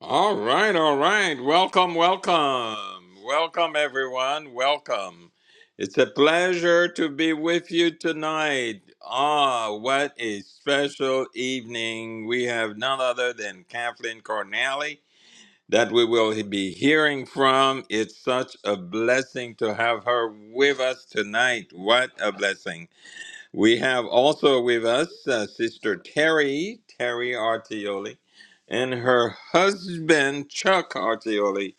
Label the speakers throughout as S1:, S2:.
S1: All right, all right. Welcome, welcome. Welcome, everyone. Welcome. It's a pleasure to be with you tonight. Ah, what a special evening. We have none other than Kathleen Cornally that we will be hearing from. It's such a blessing to have her with us tonight. What a blessing. We have also with us uh, Sister Terry, Terry Artioli, and her husband, Chuck Artioli,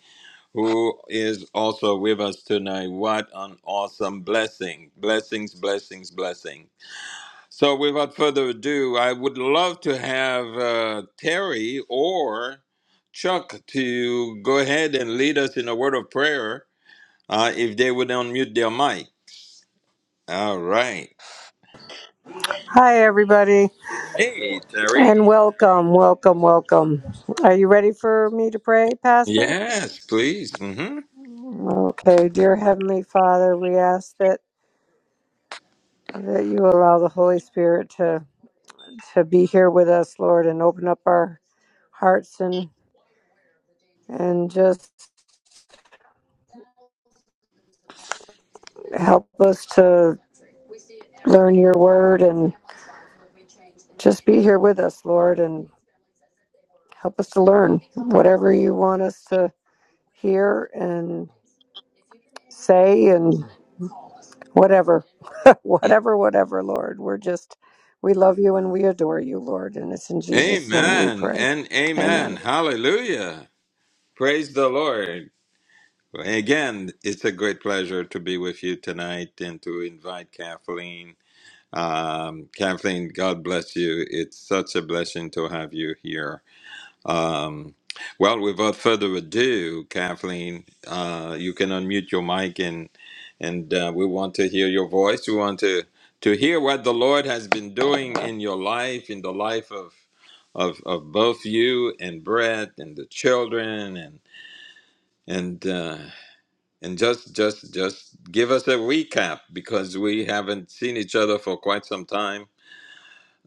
S1: who is also with us tonight. What an awesome blessing! Blessings, blessings, blessings. So, without further ado, I would love to have uh, Terry or Chuck to go ahead and lead us in a word of prayer uh, if they would unmute their mic. All right.
S2: Hi, everybody,
S1: Hey, Terry.
S2: and welcome, welcome, welcome. Are you ready for me to pray, Pastor?
S1: Yes, please. hmm
S2: Okay, dear Heavenly Father, we ask that, that you allow the Holy Spirit to, to be here with us, Lord, and open up our hearts and, and just help us to learn your word and just be here with us, Lord, and help us to learn whatever you want us to hear and say and whatever. whatever, whatever, Lord. We're just, we love you and we adore you, Lord. And it's in Jesus' name we
S1: Amen
S2: pray.
S1: and amen.
S2: Amen.
S1: Hallelujah. Praise the Lord. Again, it's a great pleasure to be with you tonight and to invite Kathleen. Um, Kathleen, God bless you. It's such a blessing to have you here. Um, well, without further ado, Kathleen, uh, you can unmute your mic and and uh, we want to hear your voice. We want to to hear what the Lord has been doing in your life, in the life of of, of both you and Brett and the children and and uh, and just just just give us a recap because we haven't seen each other for quite some time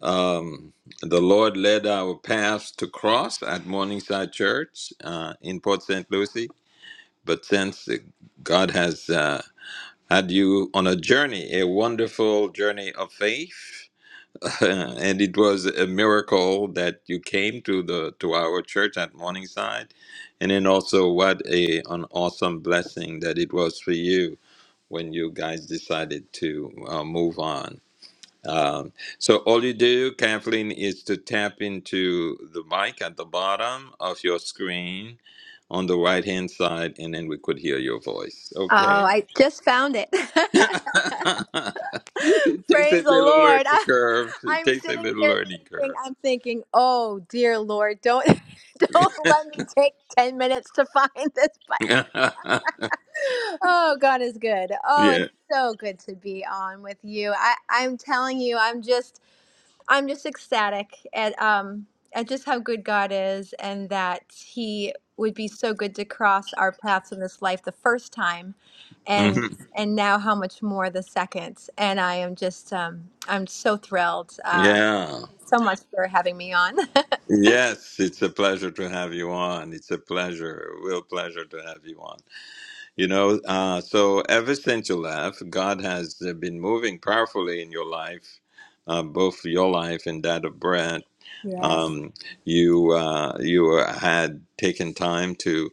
S1: um, the Lord led our paths to cross at Morningside Church uh, in Port St. Lucie. But since uh, God has uh, had you on a journey, a wonderful journey of faith, and it was a miracle that you came to the to our church at Morningside, and then also what a an awesome blessing that it was for you when you guys decided to uh, move on. Um, so all you do, Kathleen, is to tap into the mic at the bottom of your screen on the right hand side, and then we could hear your voice.
S3: Oh,
S1: Okay.
S3: I just found it.
S1: it takes
S3: Praise
S1: a
S3: the
S1: little
S3: Lord.
S1: learning curve.
S3: I,
S1: It
S3: am
S1: takes a
S3: sitting
S1: little
S3: here
S1: learning
S3: thinking,
S1: curve.
S3: I'm thinking, oh dear Lord, don't don't let me take 10 minutes to find this button. Oh, God is good. Oh,
S1: yeah.
S3: it's so good to be on with you. I, I'm telling you, I'm just I'm just ecstatic at um at just how good God is and that he would be so good to cross our paths in this life the first time and
S1: hmm
S3: and now how much more the second and I am just um I'm so thrilled uh
S1: Yeah.
S3: so much for having me on.
S1: Yes, it's a pleasure to have you on. It's a pleasure, real pleasure to have you on. You know, uh, so ever since you left, God has uh, been moving powerfully in your life, uh, both your life and that of Brad.
S3: Yes.
S1: Um, you uh, you uh, had taken time to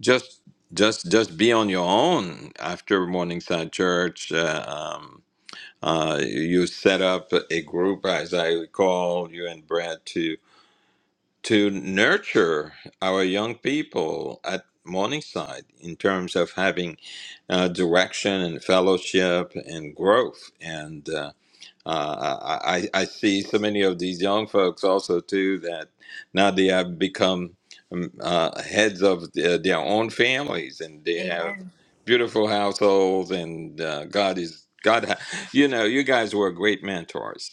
S1: just just just be on your own after Morningside Church. Uh, um, uh, you set up a group, as I recall, you and Brad to to nurture our young people at Morningside in terms of having uh, direction and fellowship and growth. And uh, uh, I, I see so many of these young folks also too that now they have become um, uh, heads of their, their own families and they have
S3: Amen.
S1: beautiful households and uh, God is God. ha- You know, you guys were great mentors.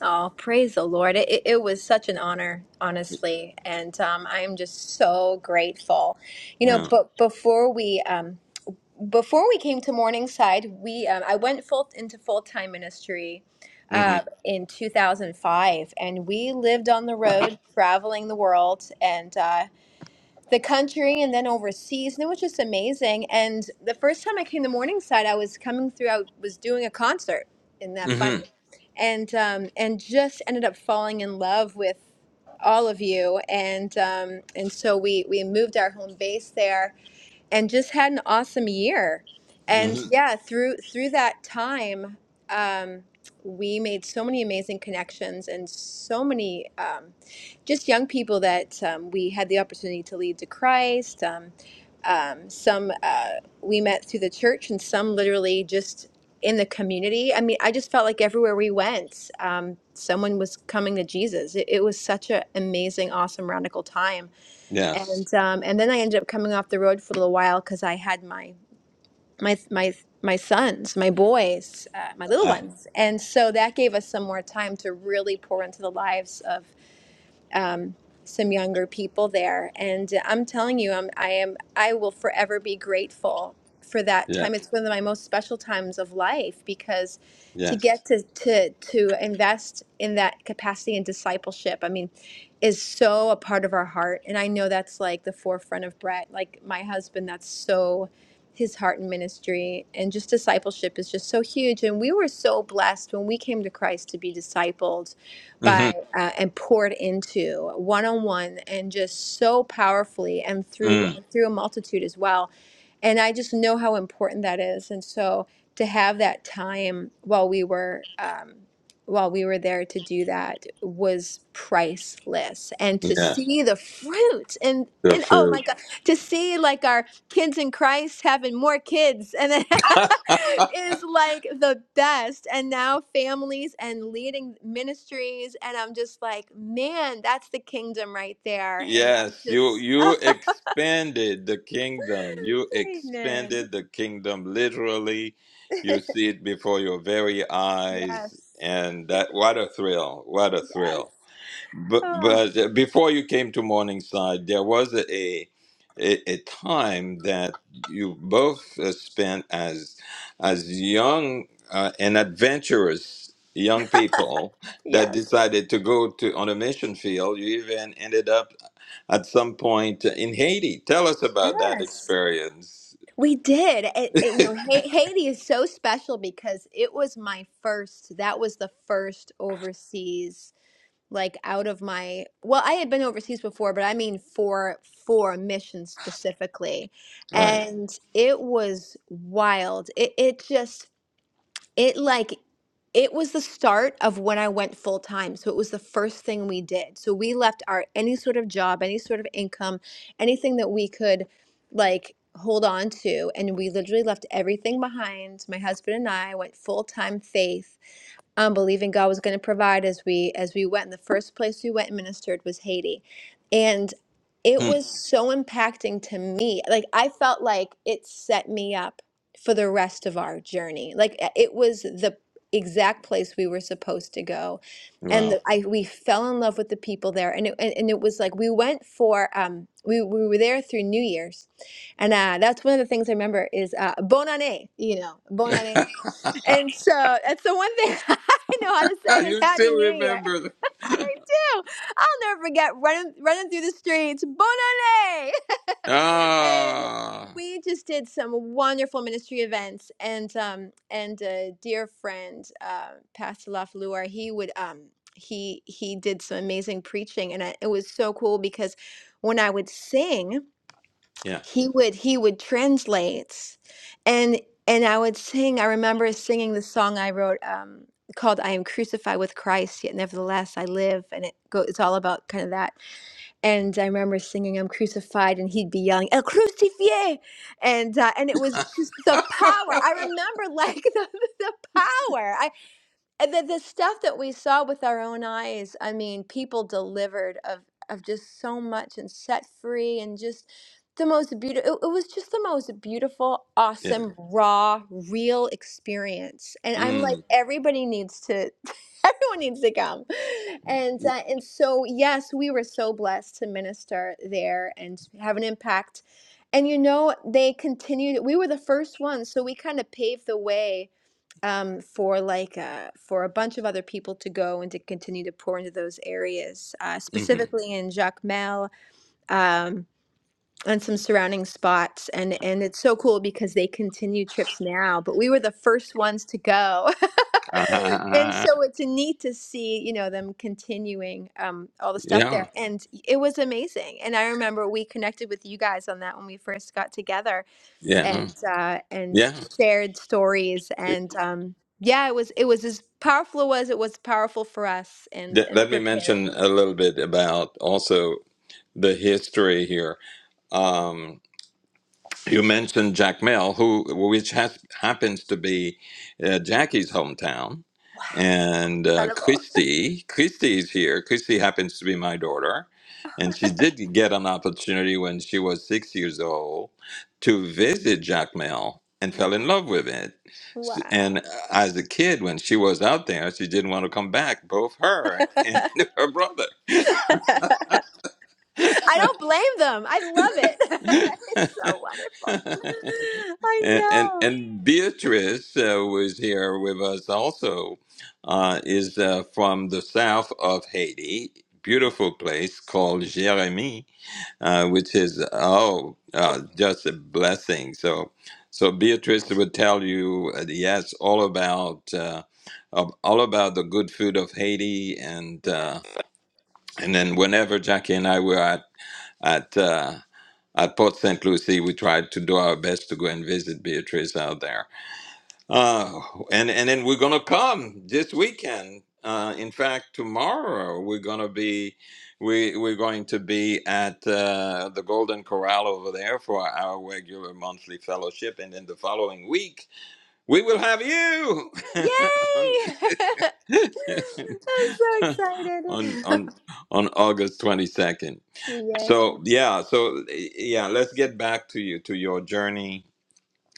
S3: Oh, praise the Lord. It, it, it was such an honor, honestly. And um, I am just so grateful. You know,
S1: Yeah.
S3: but before we. Um, before we came to Morningside, we um, I went full into full time ministry
S1: hmm
S3: uh, in 2005, and we lived on the road, traveling the world, and uh, the country and then overseas and it was just amazing and the first time i came to morningside i was coming through i was doing a concert in that fun
S1: hmm
S3: and um, and just ended up falling in love with all of you and um, and so we we moved our home base there and just had an awesome year.
S1: hmm
S3: And yeah, through through that time, um, we made so many amazing connections and so many um, just young people that um, we had the opportunity to lead to Christ. Um, um, some uh, we met through the church, and some literally just in the community. I mean, I just felt like everywhere we went, um, someone was coming to Jesus. It, it was such an amazing, awesome, radical time
S1: Yes.
S3: and um, and then I ended up coming off the road for a little while because I had my my my my sons, my boys, uh, my little
S1: Uh,
S3: ones, and so that gave us some more time to really pour into the lives of some younger people there and i'm telling you i'm i am i will forever be grateful for that
S1: yeah.
S3: time it's one of my most special times of life because to
S1: Yes.
S3: get to to to invest in that capacity and discipleship i mean is so a part of our heart and i know that's like the forefront of brett like my husband that's so his heart in ministry and just discipleship is just so huge and we were so blessed when we came to christ to be discipled
S1: hmm
S3: by uh, and poured into one on one and just so powerfully and through
S1: Mm.
S3: through a multitude as well. And I just know how important that is. And so to have that time while we were um, while we were there to do that was priceless. And to
S1: Yeah.
S3: see the fruit and
S1: The
S3: and oh my
S1: fruit.
S3: God, to see like our kids in Christ having more kids and then is like the best and now families and leading ministries and I'm just like man that's the kingdom right there and I'm
S1: Yes, you
S3: just
S1: you expanded the kingdom. You
S3: amen
S1: expanded the kingdom literally. You see it before your very
S3: yes
S1: eyes, and that what a thrill! What a
S3: yes
S1: thrill! But
S3: oh
S1: but before you came to Morningside, there was a a, a time that you both uh, spent as as young uh, and adventurous young people that
S3: yes
S1: decided to go to on a mission field. You even ended up at some point in Haiti. Tell us about that
S3: yes
S1: experience.
S3: we did it, it- you know Ha- Haiti is so special because it was my first that was the first overseas like out of my well i had been overseas before but i mean for for a mission specifically
S1: Right.
S3: and it was wild it, it just it like it was the start of when i went full time so it was the first thing we did so we left our any sort of job any sort of income anything that we could like hold on to and we literally left everything behind my husband and i went full time faith um, believing God was going to provide as we as we went. And the first place we went and ministered was Haiti, and it
S1: Hmm.
S3: was so impacting to me. Like I felt like it set me up for the rest of our journey. Like uh, it was the exact place we were supposed to go. And
S1: Wow.
S3: the- I, we fell in love with the people there, and it, and, and it was like we went for um, we, we were there through New Year's, and uh, that's one of the things I remember is uh, bon année, you know, bon année and so that's the one thing I know how to say is
S1: you
S3: Happy
S1: still
S3: New Year.
S1: remember. The-
S3: I do. I'll never forget running running through the streets. Bon année! and
S1: ah.
S3: we just did some wonderful ministry events and um and a dear friend uh pastor lafleur he would um he he did some amazing preaching and I, it was so cool because when i would sing
S1: Yeah.
S3: he would he would translate and and i would sing i remember singing the song i wrote um called i am crucified with christ yet nevertheless i live and it go it's all about kind of that and i remember singing i'm crucified and he'd be yelling el crucifié and uh, and it was just the power i remember like the, the power and the, the stuff that we saw with our own eyes i mean people delivered of of just so much and set free and just the most beautiful it, it was just the most beautiful
S1: Yeah.
S3: awesome raw real experience and i'm like Mhm.
S1: Mm.
S3: everybody needs to everyone needs to come and uh, and so yes we were so blessed to minister there and have an impact and you know they continued we were the first ones so we kind of paved the way um, for like uh, for a bunch of other people to go and to continue to pour into those areas, uh,
S1: Mm-hmm.
S3: specifically in Jacmel um, and some surrounding spots. And and it's so cool because they continue trips now, but we were the first ones to go. And
S1: uh
S3: so it's neat to see, you know, them continuing um, all the stuff there.
S1: Yeah.
S3: And it was amazing. And I remember we connected with you guys on that when we first got together
S1: Yeah.
S3: yeah.
S1: huh.
S3: and uh, and
S1: Yeah.
S3: shared stories and um, yeah, it was it was as powerful it was it was powerful for us and
S1: Let
S3: and
S1: let me
S3: preparing.
S1: mention a little bit about also the history here. Um, you mentioned Jack Mill, who which has, happens to be uh, Jackie's hometown,
S3: So
S1: and uh,
S3: incredible!
S1: Christy. Christy is here. Christy happens to be my daughter, and she did get an opportunity when she was six years old to visit Jack Mill and
S3: Wow.
S1: fell in love with it. S-
S3: Wow.
S1: And uh, as a kid, when she was out there, she didn't want to come back. Both her and her brother.
S3: I don't blame them. I love it. it's so wonderful. I
S1: And, and,
S3: know.
S1: and Beatrice uh, was here with us also, uh, is uh, from the south of Haiti, beautiful place called Jérémie, uh, which is, oh, uh, just a blessing. So, so Beatrice would tell you, uh, yes, all about, uh, of- all about the good food of Haiti. And,
S3: Yeah.
S1: uh, and then whenever Jackie and I were at, at, uh, at Port St. Lucie, we tried to do our best to go and visit Beatrice out there uh, and and then we're gonna come this weekend. Uh, in fact, tomorrow we're gonna be we we're going to be at uh, the Golden Corral over there for our regular monthly fellowship, and then the following week we will have you on
S3: Yay! I'm
S1: on
S3: so excited.
S1: on on August twenty second.
S3: Yay.
S1: So yeah, so eh, yeah, let's get back to you to your journey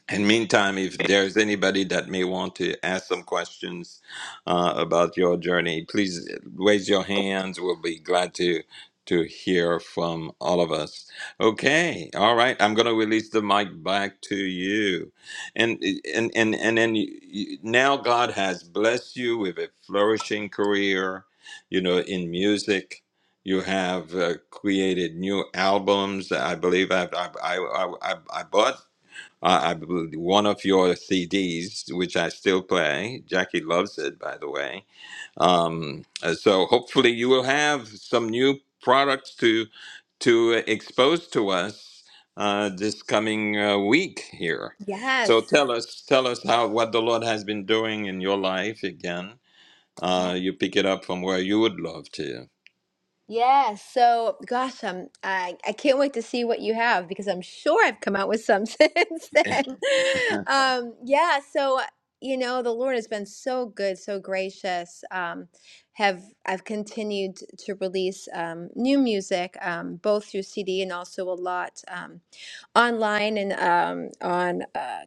S1: And meantime, if there's anybody that may want to ask some questions uh, about your journey, please raise your hands. We'll be glad to to hear from all of us. Okay, all right. I'm going to release the mic back to you, and and and and then you, you, now God has blessed you with a flourishing career. You know, in music. You have uh, created new albums. I believe I've, i I, I, I I bought I, I believe one of your CDs, which I still play. Jackie loves it, by the way. Um, uh, so hopefully you will have some new products to to expose to us uh, this coming uh, week here. So
S3: Yes.
S1: tell us, tell us how what the Lord has been doing in your life again. Uh, you pick it up from where you would love to.
S3: Yeah, so gosh, um, I I can't wait to see what you have because I'm sure I've come out with some since then. Um, yeah, so you know, the Lord has been so good, so gracious. Um, have I've continued to release um, new music, um, both through CD and also a lot um, online and um, on. uh,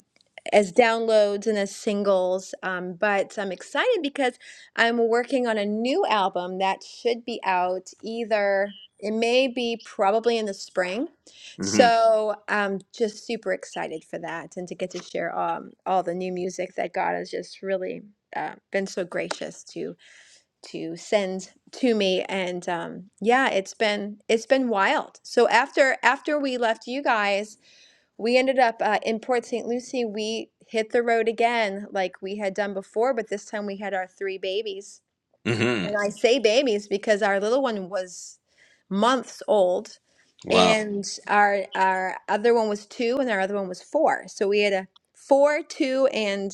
S3: as downloads and as singles. Um, but I'm excited because I'm working on a new album that should be out either, it may be probably in the spring.
S1: hmm
S3: So I'm just super excited for that and to get to share um, all the new music that God has just really uh, been so gracious to to send to me and um yeah it's been it's been wild so after after we left you guys we ended up uh, in Port St. Lucie. We hit the road again, like we had done before, but this time we had our three babies.
S1: hmm
S3: And I say babies because our little one was months old,
S1: Wow!
S3: and our our other one was two, and our other one was four. So we had a four, two, and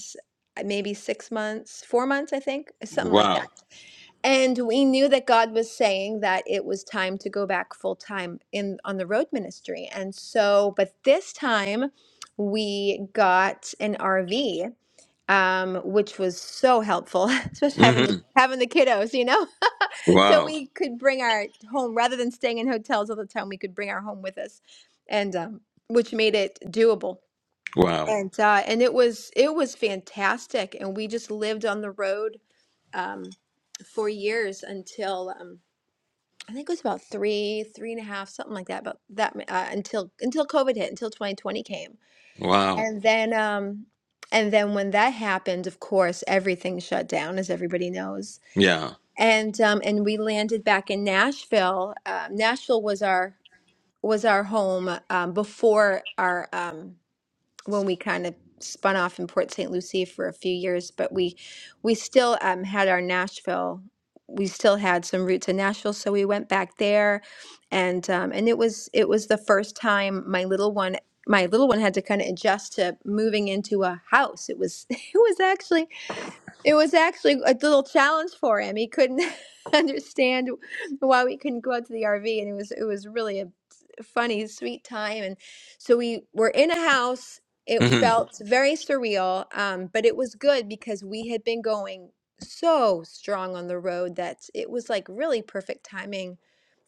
S3: uh, maybe six months, four months, I think, something like that
S1: Wow!
S3: and we knew that God was saying that it was time to go back full time in on the road ministry. And so, but this time we got an RV, um, which was so helpful, especially having the
S1: hmm
S3: having the kiddos, you know. so
S1: Wow!
S3: we could bring our home rather than staying in hotels all the time. We could bring our home with us, and um, which made it doable.
S1: Wow!
S3: And uh, and it was it was fantastic, and we just lived on the road um, for years until um, I think it was about three, three and a half, something like that. About that uh, until until COVID hit, until 2020 came,
S1: Wow!
S3: and then um, and then when that happened, of course, everything shut down, as everybody knows,
S1: Yeah.
S3: and um, and we landed back in Nashville. Uh, Nashville was our was our home um, before our. Um, when we kind of spun off in Port St. Lucie for a few years, but we we still um, had our Nashville. We still had some roots in Nashville, so we went back there, and um, and it was it was the first time my little one my little one had to kind of adjust to moving into a house. It was it was actually it was actually a little challenge for him. He couldn't understand why we couldn't go out to the RV, and it was it was really a funny, sweet time. And so we were in a house. It
S1: Mm-hmm.
S3: felt very surreal, um, but it was good because we had been going so strong on the road that it was like really perfect timing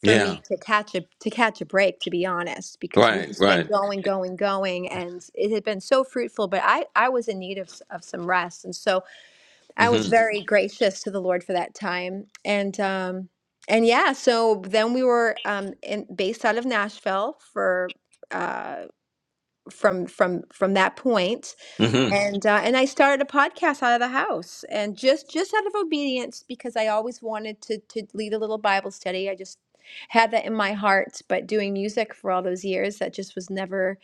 S3: for
S1: Yeah.
S3: me to catch a to catch a break, to be honest, because we
S1: Right.
S3: just been
S1: Right.
S3: going, going, going, and it had been so fruitful. But I I was in need of s- of some rest, and so. I was
S1: Mm-hmm.
S3: very gracious to the Lord for that time. And um and yeah, so then we were um in based out of Nashville for uh from from from that point
S1: Mm-hmm.
S3: and uh, and I started a podcast out of the house and just just out of obedience because I always wanted to to lead a little Bible study. I just had that in my heart, but doing music for all those years that just was never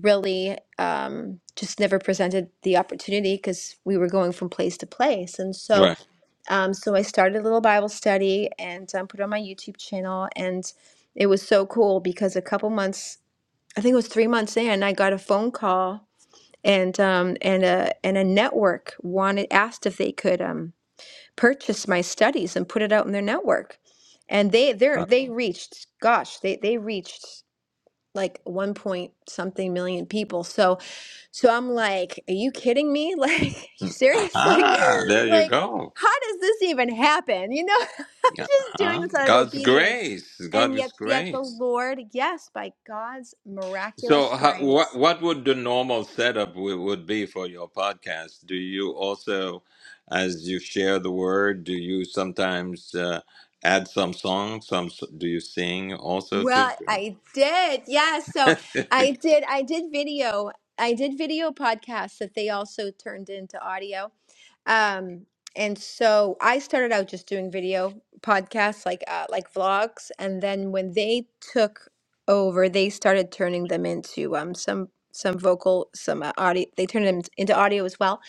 S3: really um, just never presented the opportunity because we were going from place to place. And so
S1: Right.
S3: um, so I started a little Bible study and um, put it on my YouTube channel, and it was so cool because a couple months, I think it was three months in, I got a phone call and um, and a and a network wanted asked if they could um, purchase my studies and put it out in their network, and they they
S1: Uh,
S3: they reached, gosh, they they reached like one point something million people. So so I'm like, are you kidding me? Like, you serious? Like,
S1: Ah, there you
S3: like,
S1: go.
S3: how does this even happen? You know, I'm just doing
S1: Uh-huh.
S3: this out of
S1: God's
S3: obedience.
S1: grace.
S3: And yet,
S1: God's
S3: yet the
S1: grace.
S3: Lord, yes, by God's
S1: So,
S3: miraculous
S1: how, what
S3: grace.
S1: what would the normal setup w- would be for your podcast? Do you also, as you share the word, do you sometimes uh, add some songs? Some s- do you sing also to?
S3: Well, I did. Yeah. So I did, I did video. I did video podcasts that they also turned into audio. Um, and so I started out just doing video podcasts, like uh, like vlogs, and then when they took over, they started turning them into um some some vocal, some uh, audio. They turned them into audio as well.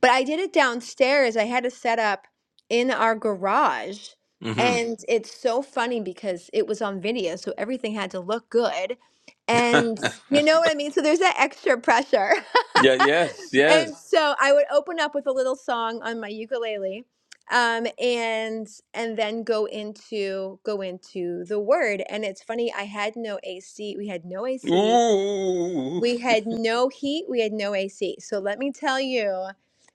S3: But I did it downstairs. I had to set up in our garage,
S1: hmm
S3: and Mhm. it's so funny because it was on video, so everything had to look good, and Mhm. you know what I mean. So there's that extra pressure.
S1: yeah. Yes.
S3: And
S1: Yes.
S3: so I would open up with a little song on my ukulele, um, and and then go into go into the word. And it's funny, I had no AC. We had no AC.
S1: Ooh.
S3: We had no heat. We had no AC. So let me tell you.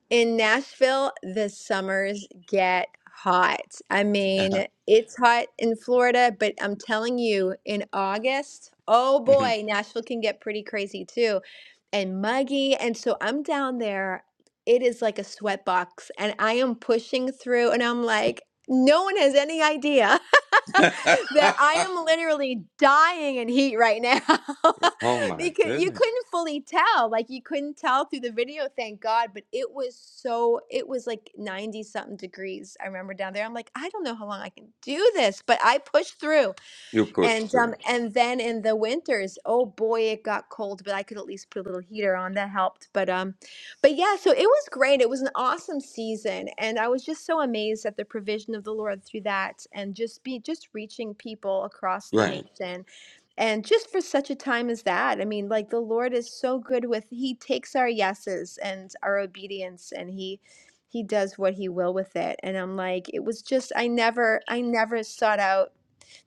S3: In Nashville, the summers get hot. I mean, it's hot in Florida, but I'm telling you, in August, oh boy, Nashville can get pretty crazy too and muggy. And so I'm down there. It is like a sweatbox, and I am pushing through, and I'm like, no one has any idea that I am literally dying in heat right now
S1: oh my
S3: because you
S1: goodness.
S3: couldn't fully tell. Like you couldn't tell through the video, thank God, but it was so it was like 90 something degrees. I remember down there. I'm like, I don't know how long I can do this, but I pushed through.
S1: You pushed
S3: And
S1: through.
S3: um and then in the winters, oh boy, it got cold, but I could at least put a little heater on that helped. But um but yeah, so it was great. It was an awesome season and I was just so amazed at the provision of the Lord through that and just be just reaching people across the
S1: Right.
S3: nation and just for such a time as that. I mean, like the Lord is so good with he takes our yeses and our obedience and he he does what he will with it. And I'm like, it was just I never I never sought out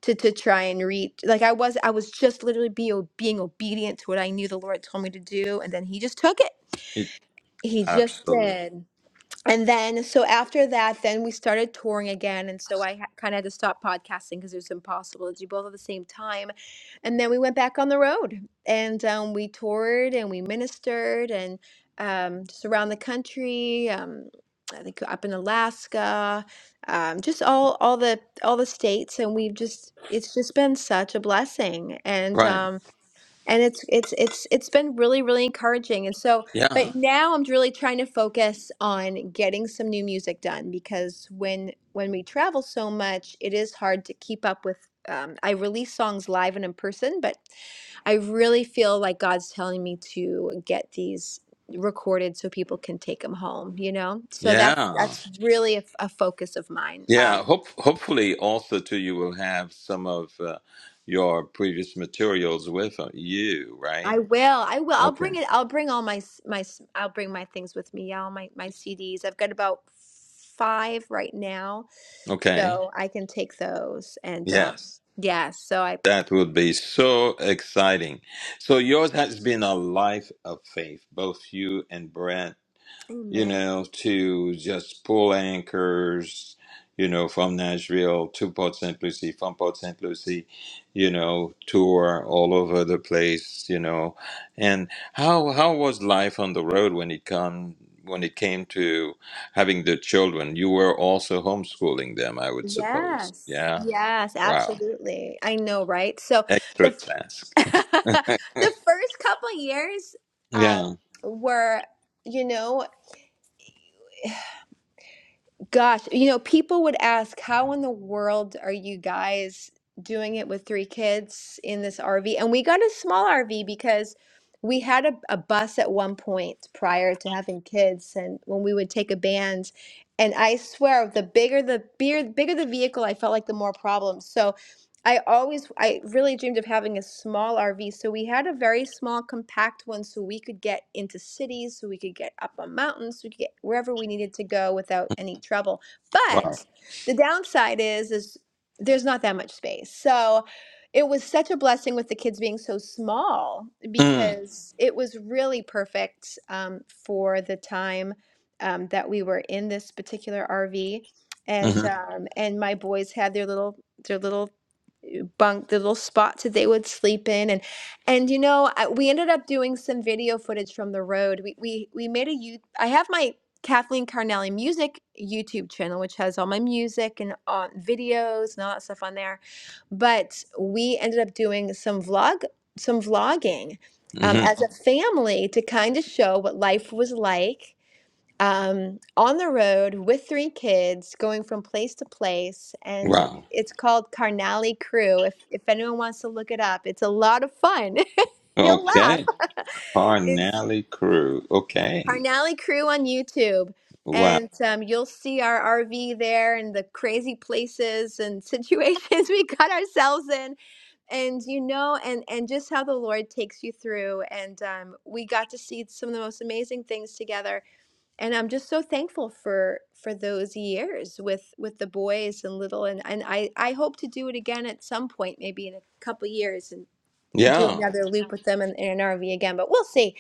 S3: to to try and reach like i was i was just literally be, being obedient to what i knew the lord told me to do and then he just took it
S1: It
S3: he just
S1: absolutely
S3: did and then so after that then we started touring again and so i ha- kind of had to stop podcasting because it was impossible to do both at the same time and then we went back on the road and um, we toured and we ministered and um, just around the country um, i think up in alaska um, just all all the all the states and we've just it's just been such a blessing and
S1: right.
S3: um, and it's it's it's it's been really really encouraging and so
S1: Yeah.
S3: but now i'm really trying to focus on getting some new music done because when when we travel so much it is hard to keep up with um, i release songs live and in person but i really feel like god's telling me to get these recorded so people can take them home you know so that's
S1: Yeah.
S3: that's really a, f- a focus of mine um,
S1: Yeah. Hope hopefully also too you will have some of uh, your previous materials with uh, you, right?
S3: I will. I will. I'll
S1: Okay.
S3: bring it. I'll bring all my s- my. s- I'll bring my things with me. Yeah, All my my CDs. I've got about five right now,
S1: Okay.
S3: so I can take those. And um,
S1: Yes.
S3: yeah. So I.
S1: That would be so exciting. So yours has been a life of faith, both you and Brand you
S3: Amen.
S1: know, to just pull anchors, you know, from Nashville to Port St. Lucie, from Port St. Lucie, you know, tour all over the place, you know. And how how was life on the road when it come when it came to having the children? You were also homeschooling them, I would suppose.
S3: Yes.
S1: Yeah.
S3: Yes.
S1: Wow.
S3: Absolutely. I know. Right. So the
S1: Extra
S3: f-
S1: task.
S3: the first couple years um,
S1: Yeah.
S3: were you know Gosh, you know, people would ask, how in the world are you guys doing it with three kids in this RV? And we got a small RV because we had a, a bus at one point prior to having kids and when we would take a band. And I swear, the bigger the beer, bigger the vehicle, I felt like the more problems. So. I always, I really dreamed of having a small RV. So we had a very small, compact one so we could get into cities, so we could get up on mountains, so we could get wherever we needed to go without any trouble.
S1: Wow.
S3: But the downside is, is there's not that much space. So it was such a blessing with the kids being so small
S1: Mm.
S3: because it was really perfect um, for the time um, that we were in this particular RV. And
S1: hmm
S3: um, and my boys had their little their little bunk, the little spots that they would sleep in, and and you know I, we ended up doing some video footage from the road. We we we made a you. I have my Kathleen Carnelli music YouTube channel, which has all my music and uh, videos and all that stuff on there. But we ended up doing some vlog, some vlogging um,
S1: hmm
S3: as a family to kind of show what life was like um, on the road with three kids, going from place to place, and
S1: Wow.
S3: it's called Carnally Crew. If if anyone wants to look it up, it's a lot of fun. You'll laugh.
S1: Okay.
S3: it's
S1: Carnally crew. Okay.
S3: Carnally Crew on YouTube,
S1: Wow.
S3: and um, you'll see our RV there and the crazy places and situations we got ourselves in, and you know, and and just how the Lord takes you through. And um, we got to see some of the most amazing things together and I'm just so thankful for for those years with with the boys and little and and I I hope to do it again at some point maybe in a couple years and do
S1: Yeah.
S3: another loop with them in, in an RV again but we'll see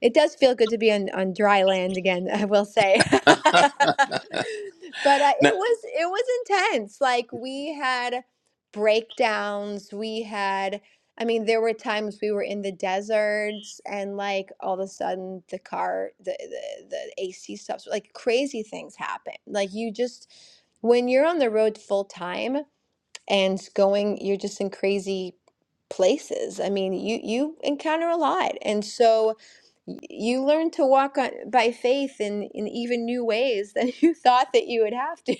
S3: it does feel good to be on, on dry land again, I will say. But uh,
S1: No,
S3: it was it was intense. Like we had breakdowns. We had, I mean, there were times we were in the deserts and like all of a sudden the car, the the, the AC stops. Like crazy things happen. Like you just when you're on the road full time and going you're just in crazy places i mean you you encounter a lot and so y- you learn to walk on by faith in in even new ways than you thought that you would have to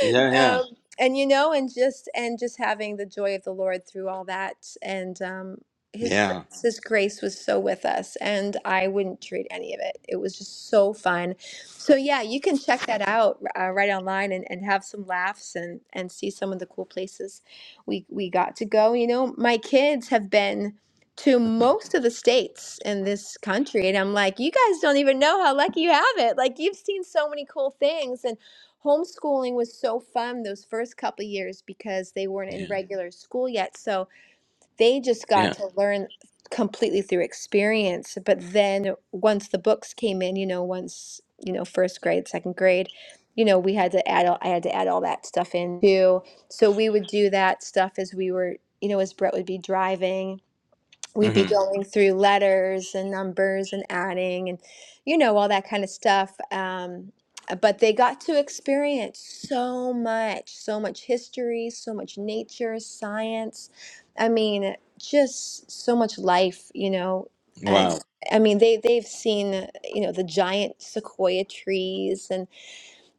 S1: yeah, yeah,
S3: um and you know and just and just having the joy of the lord through all that and um his
S1: yeah,
S3: grace his grace was so with us and i wouldn't trade any of it it was just so fun so yeah, you can check that out uh, right online and, and have some laughs and and see some of the cool places we we got to go. You know, my kids have been to most of the states in this country, and I'm like, you guys don't even know how lucky you have it. Like you've seen so many cool things and. Homeschooling was so fun those first couple years because they weren't in
S1: yeah,
S3: regular school yet. So, they just got
S1: yeah.
S3: to learn completely through experience. But then once the books came in, you know, once, you know, first grade, second grade, you know, we had to add all, I had to add all that stuff in too. So we would do that stuff as we were, you know, as Brett would be driving we'd be
S1: hmm
S3: going through letters and numbers and adding and you know all that kind of stuff um, uh, but they got to experience so much so much history so much nature science i mean just so much life you know and
S1: Wow,
S3: i mean they they've seen uh, you know the giant sequoia trees and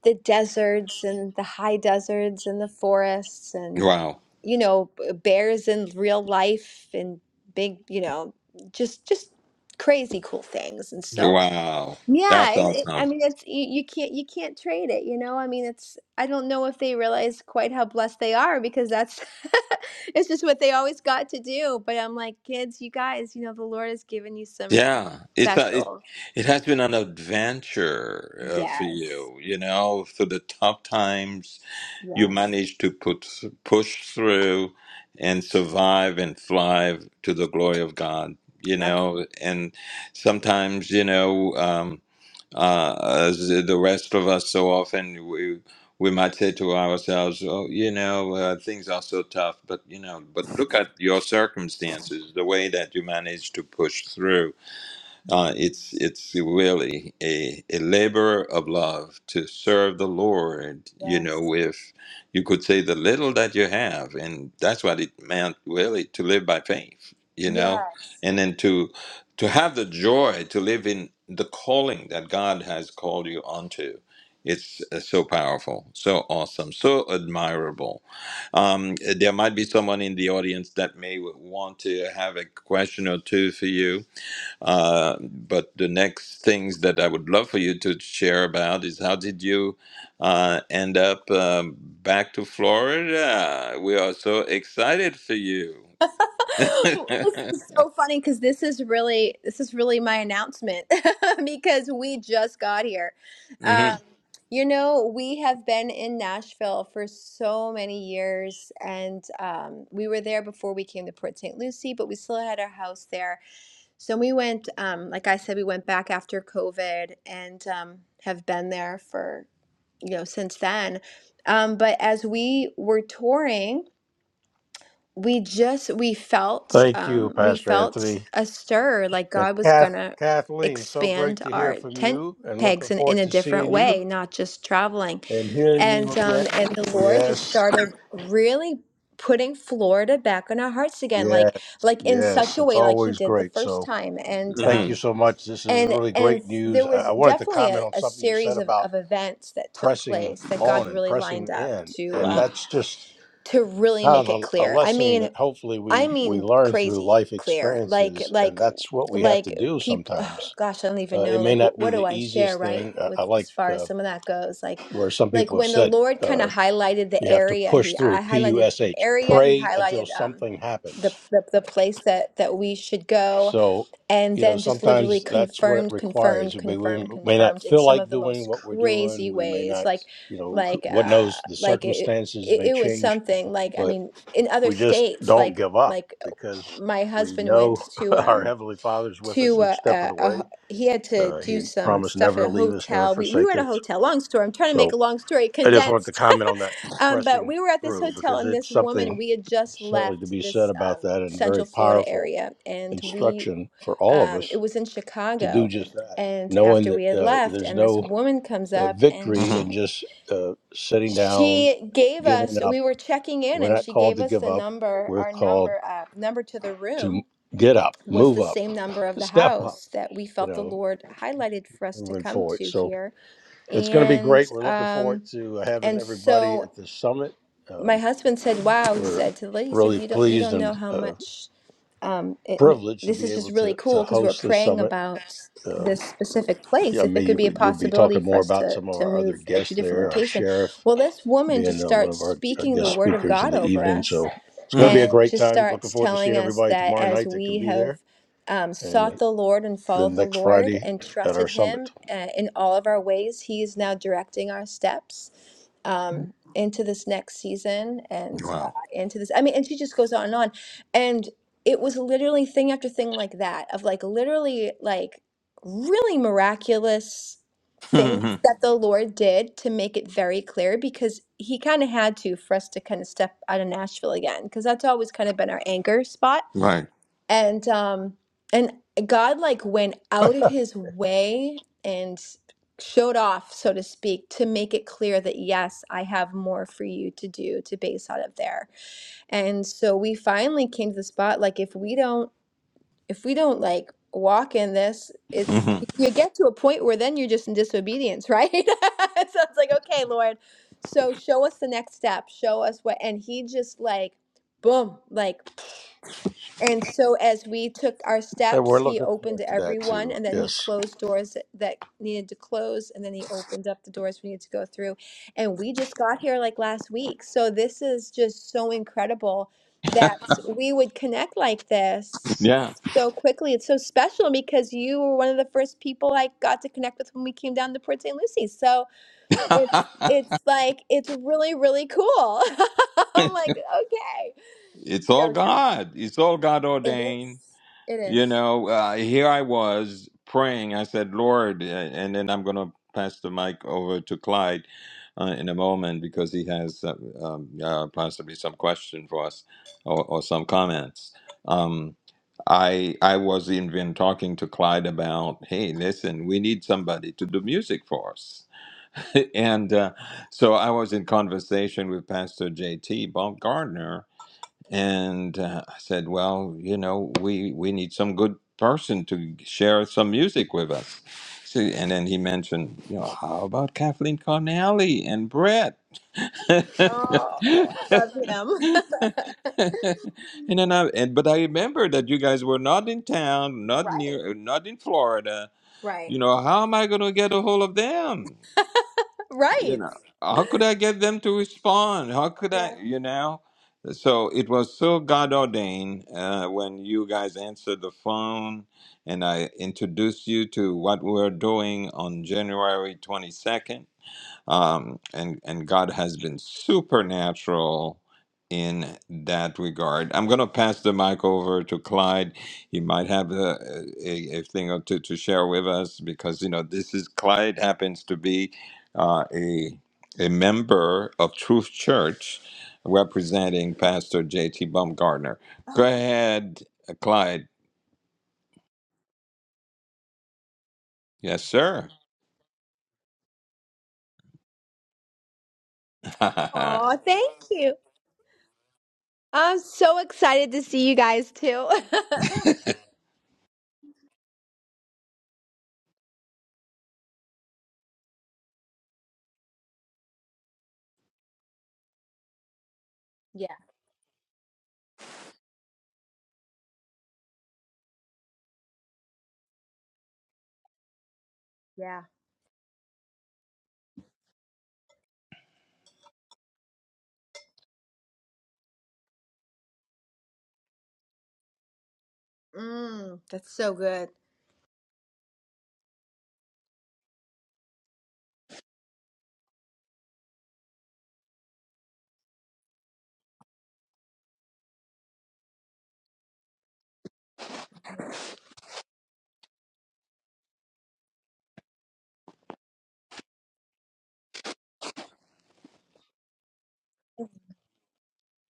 S3: the deserts and the high deserts and the forests
S1: wow,
S3: you know b- bears in real life and big you know just just crazy cool things and so
S1: wow.
S3: yeah
S1: That's
S3: it, it, i
S1: awesome.
S3: mean it's you, you can't you can't trade it you know i mean it's i don't know if they realize quite how blessed they are because that's it's just what they always got to do but i'm like kids you guys you know the lord has given you some real
S1: Yeah, it's a, it.
S3: special
S1: It has been an adventure uh, for
S3: yes
S1: you. You know, through the tough times, you
S3: yes
S1: managed to put push through and survive and thrive to the glory of God. You
S3: that's
S1: know, and sometimes you know. um, uh, as the rest of us so often we we might say to ourselves, "Oh, you know, uh, things are so tough," but you know, but look at your circumstances, the way that you managed to push through
S3: yeah
S1: uh, it's it's really a, a labor of love to serve the Lord, you know,
S3: yes
S1: with you could say the little that you have, and that's what it meant really to live by faith, you know,
S3: yes
S1: and then to to have the joy to live in the calling that God has called you onto. It's uh, so powerful, so awesome, so admirable. Um, there might be someone in the audience that may want to have a question or two for you uh, but the next things that I would love for you to share about is how did you uh, end up um, back to Florida? We are so excited for you.
S3: this is so funny because this is really this is really my announcement because we just got here.
S1: hmm
S3: Um, you know, we have been in Nashville for so many years, and um, we were there before we came to Port St. Lucie, but we still had our house there. So we went, um, like I said, we went back after COVID and um, have been there for you know since then. Um, but as we were touring we just we felt
S4: Thank you,
S3: um we
S4: Pastor
S3: felt
S4: Anthony.
S3: a stir like
S4: And
S3: God was
S4: Kath,
S3: gonna
S4: Kathleen, so great
S3: expand
S4: to hear
S3: our
S4: from
S3: tent
S4: you and looking
S3: pegs in, in
S4: forward
S3: a
S4: to
S3: different
S4: seeing you
S3: way, not just traveling.
S4: and hearing you
S3: And
S4: again.
S3: um and the Lord just
S4: Yes,
S3: started really putting Florida back on our hearts again,
S4: yes,
S3: like like in such
S4: yes.
S3: a
S4: It's
S3: way like he
S4: always
S3: did the
S4: great.
S3: first
S4: So
S3: time. And
S1: hmm
S4: thank you
S3: um
S4: so much. This is
S3: and
S4: really
S3: and
S4: great news.
S3: there
S4: I, I
S3: was
S4: wanted to
S3: definitely
S4: comment
S3: a,
S4: on
S3: a
S4: something you said
S3: series of,
S4: about
S3: of events that took
S4: pressing
S3: place that God
S4: on and
S3: really lined
S4: pressing
S3: up
S4: in.
S3: to
S4: And
S1: hmm
S3: um
S4: that's just
S3: to really
S4: kind
S3: make it
S4: of a, a
S3: clear. I
S4: lesson
S3: mean,
S4: that hopefully
S3: I
S4: we, we
S3: mean
S4: learn through
S3: crazy
S4: life
S3: clear. Like
S4: experiences. And
S3: like
S4: that's what we have to
S3: like
S4: do
S3: people
S4: sometimes
S3: gosh, I don't even
S4: Uh, it
S3: know
S4: may
S3: like
S4: not
S3: wh-
S4: be
S3: what do
S4: the
S3: I share
S4: easiest
S3: right
S4: thing. I,
S3: with
S4: I
S3: as
S4: like
S3: far as
S4: uh,
S3: some of that goes. Like
S4: where some
S3: like
S4: people have
S3: when the
S4: said
S3: Lord kind
S4: uh,
S3: of highlighted the
S4: you have to
S3: area,
S4: push
S3: he
S4: through,
S3: I
S4: P U
S3: highlighted
S4: S
S3: an
S4: H,
S3: area, he
S4: pray until
S3: highlighted um
S4: something
S3: the
S4: happens.
S3: the, the place that that we should go
S4: So,
S3: and
S4: you know,
S3: then just literally
S4: sometimes that's what it
S3: confirmed confirmed
S4: requires. We, we
S3: confirmed
S4: may not
S3: confirmed in
S4: feel
S3: some of
S4: like
S3: the
S4: doing
S3: most
S4: what we're
S3: crazy
S4: doing. We may
S3: ways
S4: not,
S3: like
S4: you know,
S3: like
S4: what
S3: uh
S4: knows, the
S3: like it
S4: circumstances
S3: it,
S4: may
S3: it was
S4: change,
S3: something like i
S4: but
S3: mean in other
S4: we just
S3: states
S4: don't
S3: like
S4: give up
S3: like
S4: because
S3: my
S4: we
S3: husband went
S4: know
S3: to
S4: our
S3: um
S4: Heavenly Father's with us
S3: to
S4: each
S3: uh,
S4: step of
S3: a,
S4: the
S3: a
S4: way.
S3: ho- he had to
S4: Uh,
S3: do
S4: he
S3: some
S4: promised
S3: stuff
S4: never
S3: at
S4: to
S3: a
S4: leave us, never
S3: hotel we, we were
S4: forsake
S3: at a
S4: us.
S3: hotel long story i'm trying to
S4: So,
S3: make a long story
S4: I just wanted to
S3: condensed
S4: comment on that
S3: um, but
S4: pressing
S3: we were at this
S4: through
S3: hotel
S4: because
S3: and this
S4: it's
S3: woman
S4: something
S3: we had just
S4: certainly to
S3: left
S4: be said
S3: this um,
S4: about that and very
S3: central florida
S4: powerful
S3: area and we
S4: instruction for all of
S3: um, it
S4: us
S3: was in
S4: to do
S3: Chicago.
S4: just that,
S3: And
S4: knowing
S3: after we
S4: that
S3: had
S4: uh,
S3: left,
S4: there's
S3: and this
S4: no
S3: woman comes
S4: uh,
S3: up and
S4: victory
S1: hmm
S3: she
S4: in just uh, sitting down,
S3: she gave
S4: giving
S3: us
S4: up.
S3: we were checking in
S4: We're
S3: and
S4: not
S3: she
S4: called
S3: gave
S4: to
S3: us
S4: give
S3: the
S4: up.
S3: number
S4: We're
S3: our
S4: called
S3: number uh number to the
S4: to
S3: room
S4: get up,
S3: was the
S4: move up,
S3: same number of the
S4: step up,
S3: house that we
S4: you
S3: felt the
S4: know,
S3: Lord highlighted for us to
S4: moving
S3: come
S4: forward.
S3: to
S4: So
S3: here.
S4: it's going to be
S3: And
S4: great. We're looking forward
S3: um
S4: to having
S3: and
S4: everybody at
S3: so
S4: the summit.
S3: my
S4: Um,
S3: husband said, Wow, he
S4: We're
S3: said to the lady, he said,
S4: really
S3: You don't you
S4: pleased
S3: don't know
S4: and
S3: how
S4: uh,
S3: much um, it, me-
S4: privileged to
S3: this
S4: be
S3: is just
S4: able
S3: really
S4: to, to
S3: cool because we're
S4: host this
S3: praying
S4: summit.
S3: about
S4: Uh,
S3: this specific
S4: yeah,
S3: place.
S4: I
S3: If it
S4: mean,
S3: could be a
S4: you- will be
S3: possibility
S4: talking
S3: for
S4: more
S3: us
S4: about
S3: to
S4: some of
S3: to
S4: our other
S3: move uh, to a
S4: guests
S3: different
S4: there, our
S3: location,
S4: sheriff
S3: well, this woman just
S4: being uh, one
S3: starts
S4: of our uh,
S3: speaking the
S4: guest
S3: word of
S4: speakers in
S3: God
S4: the
S3: over
S4: evening.
S3: us
S4: So it's going to
S1: mm
S4: be a
S3: and
S4: great
S3: just
S4: time. Looking
S3: starts
S4: forward to seeing
S3: telling us
S4: everybody
S3: that
S4: tomorrow
S3: as
S4: night that can
S3: we
S4: be
S3: have
S4: there
S3: um, sought
S4: and
S3: the Lord and
S4: then
S3: followed the
S4: next
S3: Lord
S4: Friday
S3: and
S4: at our
S3: trusted Him
S4: summit.
S3: uh, in all of our ways, He is now directing our steps um, into this next season and uh,
S1: Wow.
S3: into this. I mean, and she just goes on and on. And it was literally thing after thing like that, of like literally like really miraculous things
S1: hmm
S3: that the Lord did to make it very clear because he kind of had to for us to kind of step out of Nashville again because that's always kind of been our anchor spot
S1: right.
S3: and um and God like went out of his way and showed off so to speak to make it clear that yes I have more for you to do to base out of there and so we finally came to the spot like if we don't if we don't like walk in this, it
S1: hmm
S3: you get to a point where then you're just in disobedience, right? so it's like, okay, Lord, so show us the next step, show us what, and he just like, boom, like. And so, as we took our
S4: And we're
S3: steps, he
S4: looking
S3: opened
S4: forward
S3: to
S4: to that
S3: everyone,
S4: too.
S3: and then he
S4: Yes.
S3: closed doors that that needed to close, and then he opened up the doors we needed to go through. And we just got here like last week. So, this is just so incredible that we would connect like this
S1: Yeah.
S3: so quickly. It's so special because you were one of the first people I got to connect with when we came down to Port St. Lucie. So, it's it's like it's really really cool. I'm like, okay.
S1: it's all
S3: So yeah.
S1: God. It's all God
S3: It is.
S1: ordained.
S3: It
S1: You
S3: is.
S1: know, uh, here I was praying. I said, Lord, uh, and then I'm going to pass the mic over to Clyde uh, in a moment because he has uh, um, uh, possibly some question for us or, or some comments. Um, I I was even talking to Clyde about, hey, listen, we need somebody to do music for us, and uh, so I was in conversation with Pastor J.T. Bob Gardner, and uh, I said, well, you know, we we need some good person to share some music with us. So, and then he mentioned, you know, how about Kathleen Connelly and Brett?
S3: Oh, I love him.
S1: And then I, and but I remember that you guys were not in town, not
S3: Right.
S1: near, not in Florida.
S3: Right.
S1: You know, how am I going to get a hold of them? you
S3: Right.
S1: know how could i get them to respond how could i
S3: Right.
S1: you know so it was so god ordained uh, when you guys answered the phone and i introduced you to what we're doing on january 22nd um, and and God has been supernatural in that regard. I'm going to pass the mic over to Clyde. He might have a, a, a thing or two to share with us because you know this is Clyde happens to be uh, a a member of Truth Church, representing Pastor J.T. Baumgartner. Go
S3: Oh,
S1: ahead, Clyde. Yes, sir. Amen.
S3: wow. thank you. I'm so excited to see you guys too. Yeah. Yeah. mm, that's so good.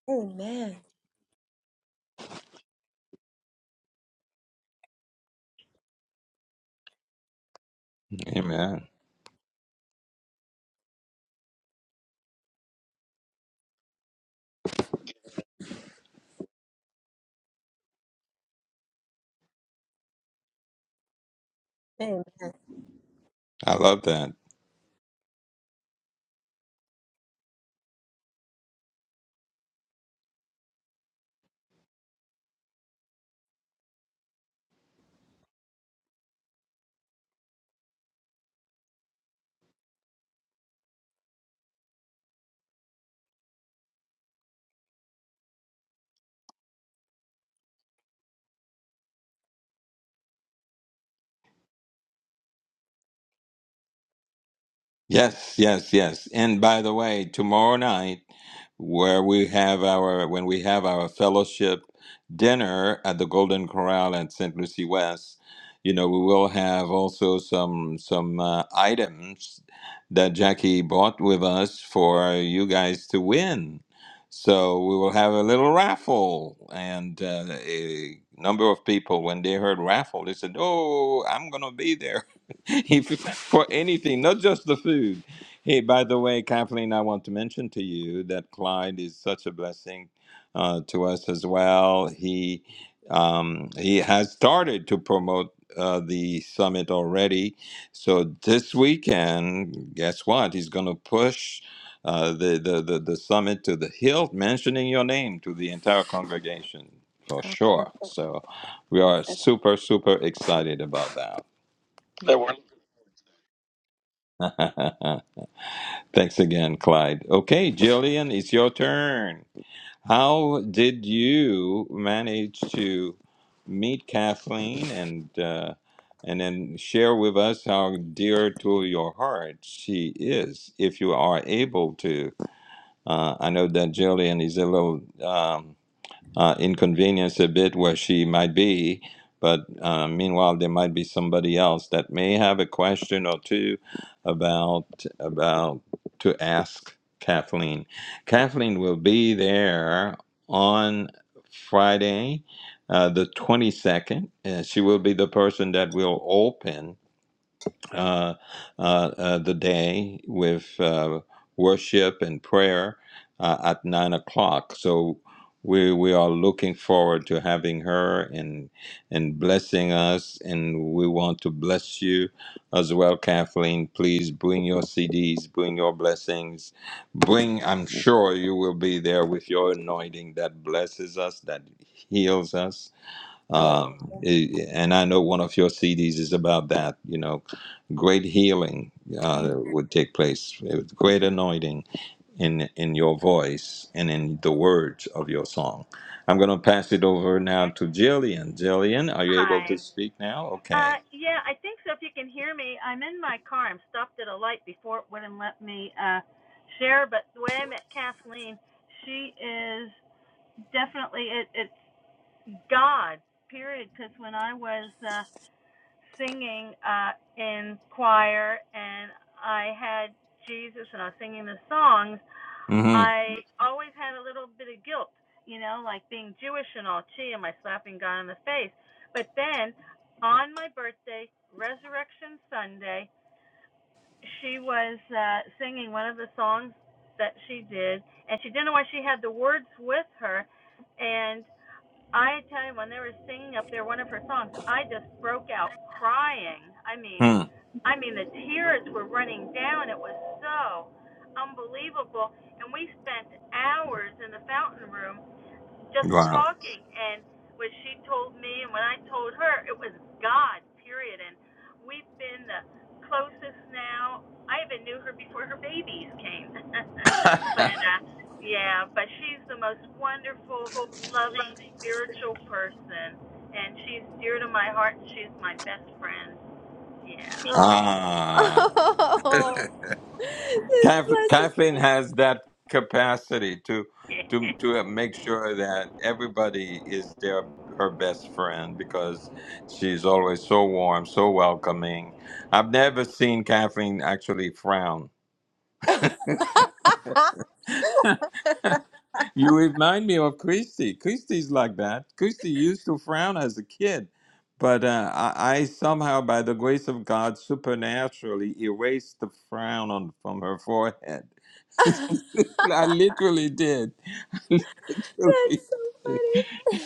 S3: Amen. Amen.
S1: I love that. Yes, yes, yes. And by the way, tomorrow night, where we have our when we have our fellowship dinner at the Golden Corral at St. Lucie West, you know, we will have also some some uh, items that Jackie bought with us for you guys to win. So we will have a little raffle, and uh, a number of people when they heard raffle, they said, "Oh, I'm gonna be there." He- for anything, not just the food. Hey, by the way, Kathleen, I want to mention to you that Clyde is such a blessing uh, to us as well. He um, he has started to promote uh, the summit already. So this weekend, guess what? He's going to push. Uh, the, the, the, the summit to the hilt, mentioning your name to the entire congregation for
S3: Oh, well,
S1: sure. So we are
S3: that's
S1: super, super excited about that. Thanks again, Clyde. Okay, Jillian, it's your turn. How did you manage to meet Kathleen and uh, and then share with us how dear to your heart she is, if you are able to? Uh, I know that Jillian is a little. um, uh, inconvenience a bit where she might be. But uh, meanwhile, there might be somebody else that may have a question or two about about to ask Kathleen. Kathleen will be there on Friday, uh, the twenty second. Uh, she will be the person that will open uh, uh, uh, the day with uh, worship and prayer uh, at nine o'clock. So we we are looking forward to having her and and blessing us, and we want to bless you as well, Kathleen. Please bring your CDs, bring your blessings, bring. I'm sure you will be there with your anointing that blesses us, that heals us um,
S3: hallelujah.
S1: it- and I know one of your CDs is about that. You know, great healing
S3: Amen.
S1: uh, would take place, with great anointing in in your voice and in the words of your song. I'm going to pass it over now to Jillian. Jillian, are you able to
S5: Hi.
S1: speak now?
S5: Uh,
S1: Okay.
S5: yeah, I think so. If you can hear me, I'm in my car. I'm stopped at a light before it wouldn't let me uh, share. But the way I met Kathleen, she is definitely it, it's God. Period. Because when I was uh, singing uh, in choir and I had Jesus and I was singing the songs,
S1: Mm-hmm.
S5: I always had a little bit of guilt, you know, like being Jewish and all. Gee, am I slapping God in the face? But then, on my birthday, Resurrection Sunday, she was uh, singing one of the songs that she did, and she didn't know why she had the words with her, and. I tell you, when they were singing up there one of her songs, I just broke out crying. I mean,
S1: Hmm.
S5: I mean the tears were running down. It was so unbelievable. And we spent hours in the fountain room just
S1: Wow.
S5: talking and what she told me and when I told her it was God period and we've been the closest now I even knew her before her babies came but uh yeah but she's the most wonderful loving spiritual person and she's dear to my heart she's my best friend yeah
S3: Oh,
S1: ah.
S3: this
S1: Kath-
S3: blesses
S1: Kathleen
S3: me.
S1: has that capacity to to to make sure that everybody is their her best friend because she's always so warm, so welcoming. I've never seen Kathleen actually frown. You remind me of Christy. Christy's like that. Christy used to frown as a kid, but uh, I, I somehow, by the grace of God, supernaturally erased the frown on, from her forehead
S3: that's
S1: I literally did. I literally.
S3: so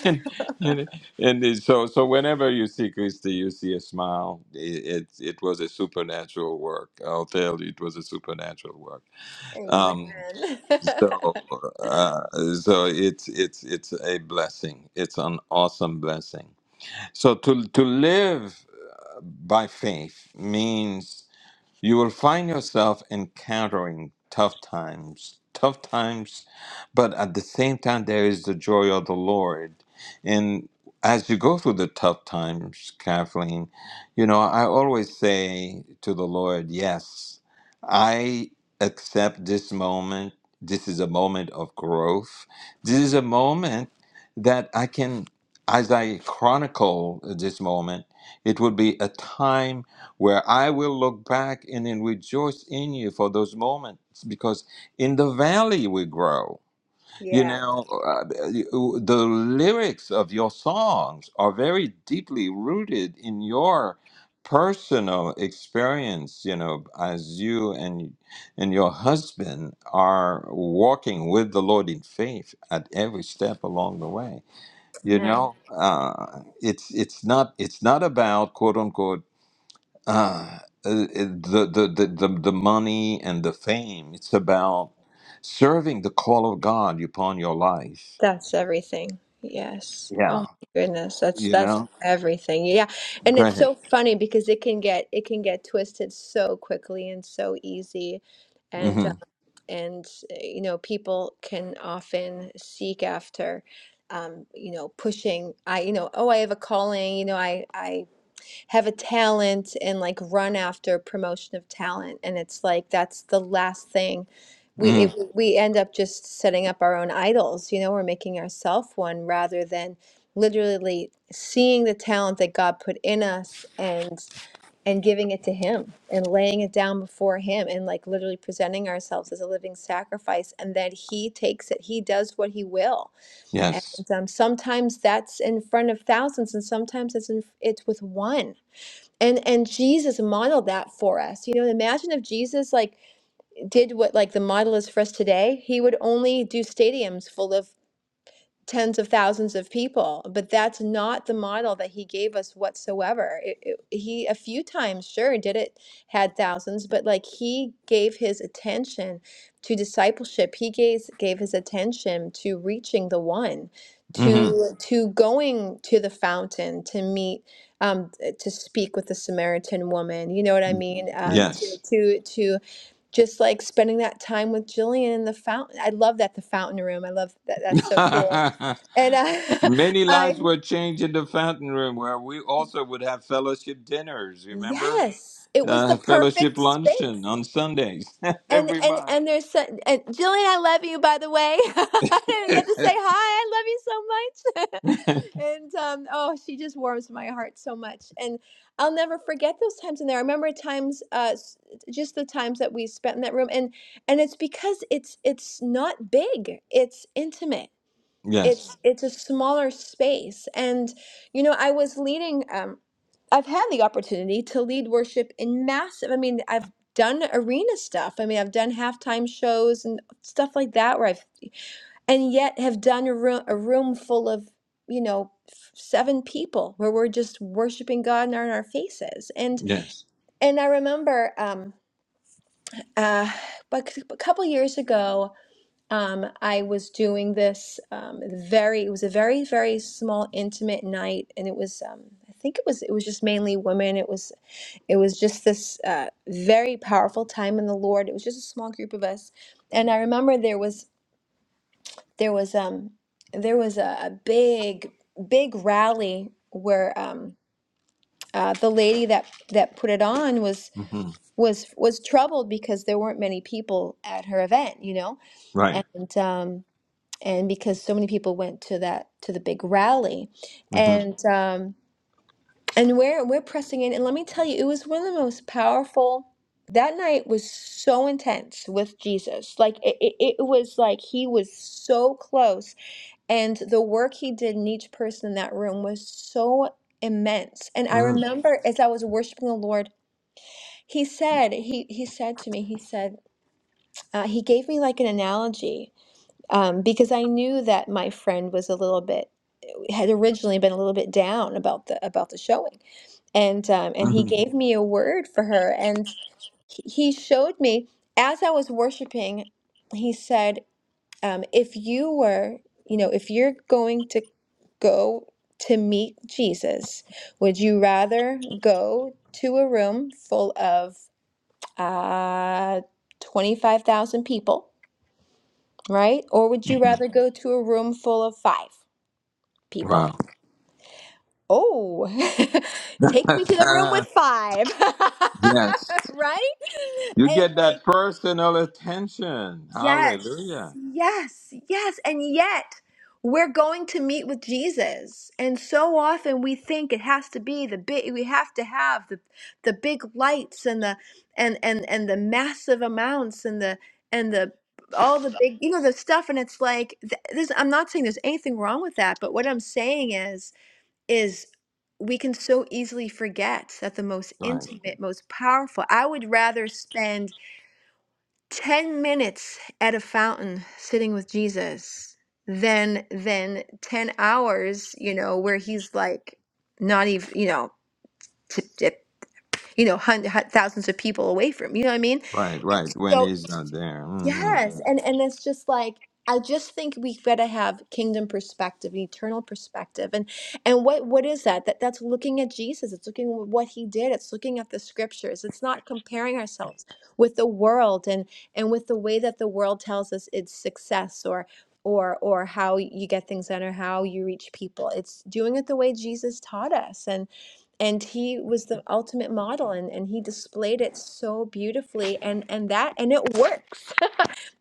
S1: And, and, and it- so, so whenever you see Christy, you see a smile. It, it, it was a supernatural work. I'll tell you, it was a supernatural work.
S3: funny.
S1: Um,
S3: Amen.
S1: so, uh, so it's it's it's a blessing. It's an awesome blessing. So to to live by faith means. You will find yourself encountering tough times, tough times, but at the same time, there is the joy of the Lord. And as you go through the tough times, Kathleen, you know, I always say to the Lord, Yes, I accept this moment. This is a moment of growth. This is a moment that I can, as I chronicle this moment, it would be a time where I will look back and then rejoice in you for those moments because in the valley we grow. You
S3: Yeah.
S1: know, uh, the lyrics of your songs are very deeply rooted in your personal experience, you know, as you and and your husband are walking with the Lord in faith at every step along the way. You
S3: Amen.
S1: know, uh, it's it's not it's not about quote unquote uh, uh, the, the, the, the, the money and the fame. It's about serving the call of God upon your life.
S3: That's everything. Yes. Oh
S1: Yeah.
S3: my goodness. That's
S1: You
S3: that's
S1: know?
S3: everything. Yeah. And
S1: Go
S3: it's
S1: ahead.
S3: so funny because it can get it can get twisted so quickly and so easy. And uh,
S1: hmm
S3: and uh, you know, people can often seek after um, you know, pushing I you know, oh, I have a calling, you know, I I have a talent and like run after promotion of talent and it's like that's the last thing we
S1: hmm
S3: it, Mhm. we end up just setting up our own idols you know we're making ourselves one rather than literally seeing the talent that God put in us and and giving it to him and laying it down before him and like literally presenting ourselves as a living sacrifice and that he takes it he does what he will
S1: Yes.
S3: and um, sometimes that's in front of thousands and sometimes it's in, it's with one and and jesus modeled that for us you know imagine if jesus like did what like the model is for us today he would only do stadiums full of tens of thousands of people but that's not the model that he gave us whatsoever it, it- he a few times sure did it had thousands but like he gave his attention to discipleship he gave gave his attention to reaching the one to
S1: hmm
S3: Mhm. to going to the fountain to meet um to speak with the samaritan woman you know what i mean um to
S1: Yes.
S3: to to just like spending that time with Jillian in the fountain. I love that the fountain room. I love that. That's so cool and I,
S1: Many
S3: I
S1: lives were changed in the fountain room where we also would have fellowship dinners, remember?
S3: yes, it was
S1: Uh,
S3: the
S1: fellowship
S3: perfect
S1: luncheon
S3: space.
S1: on Sundays
S3: And
S1: every
S3: and
S1: month.
S3: and there's so- and Jillian, I love you by the way. I didn't get to say hi. I love you so much. and um, oh, she just warms my heart so much. And I'll never forget those times in there. I remember times, uh, s- just the times that we spent in that room. And and it's because it's it's not big. It's intimate
S1: Yes.
S3: it's it's a smaller space and you know i was leading um i've had the opportunity to lead worship in massive i mean i've done arena stuff i mean i've done halftime shows and stuff like that where i've and yet have done a room, a room full of you know f- seven people where we're just worshiping god and on our faces and
S1: Yes.
S3: and i remember um uh, but a couple years ago um, I was doing this um, very, it was a very, very small, intimate night. And it was, um, I think it was, it was just mainly women. It was, it was just this uh, very powerful time in the Lord. It was just a small group of us. And I remember there was, there was, um, there was a, a big, big rally where um, uh, the lady that, that put it on was,
S1: hmm
S3: was, was troubled because there weren't many people at her event, you know?
S1: Right.
S3: And, um, and because so many people went to that to the big rally
S1: hmm
S3: and um and we're we're pressing in and let me tell you it was one of the most powerful that night was so intense with jesus like it, it, it was like he was so close and the work he did in each person in that room was so immense and i
S1: hmm
S3: remember as i was worshiping the lord he said he he said to me he said uh, he gave me like an analogy um, because i knew that my friend was a little bit had originally been a little bit down about the about the showing, and um, and he gave me a word for her, and he he showed me as I was worshiping. He said, um, "If you were, you know, if you're going to go to meet Jesus, would you rather go to a room full of uh, twenty five thousand people, right, or would you
S1: hmm
S3: rather go to a room full of five people?"
S1: Wow.
S3: Oh, take me to the room with five.
S1: yes.
S3: right?
S1: You
S3: And
S1: get
S3: like,
S1: that personal attention.
S3: yes,
S1: Hallelujah.
S3: yes, yes. And yet, we're going to meet with Jesus. And so often we think it has to be the big, we have to have the, the big lights and the, and, and, and the massive amounts and the, and the, all the big, you know, the stuff. And it's like, th- this, I'm not saying there's anything wrong with that, but what I'm saying is, is we can so easily forget that the most
S1: Right,
S3: intimate, most powerful. I would rather spend 10 minutes at a fountain sitting with Jesus than than 10 hours, you know, where he's like not even, you know, t- t- you know, hundreds, thousands of people away from, you know what I mean?
S1: right, right. When he's not there. hmm
S3: Yes, Mm. and and it's just like I just think we've got to have kingdom perspective, eternal perspective, and and what what is that? That that's looking at Jesus. It's looking at what he did. It's looking at the scriptures. It's not comparing ourselves with the world and and with the way that the world tells us it's success or or or how you get things done or how you reach people. It's doing it the way Jesus taught us, and and he was the ultimate model, and and he displayed it so beautifully, and and that and it works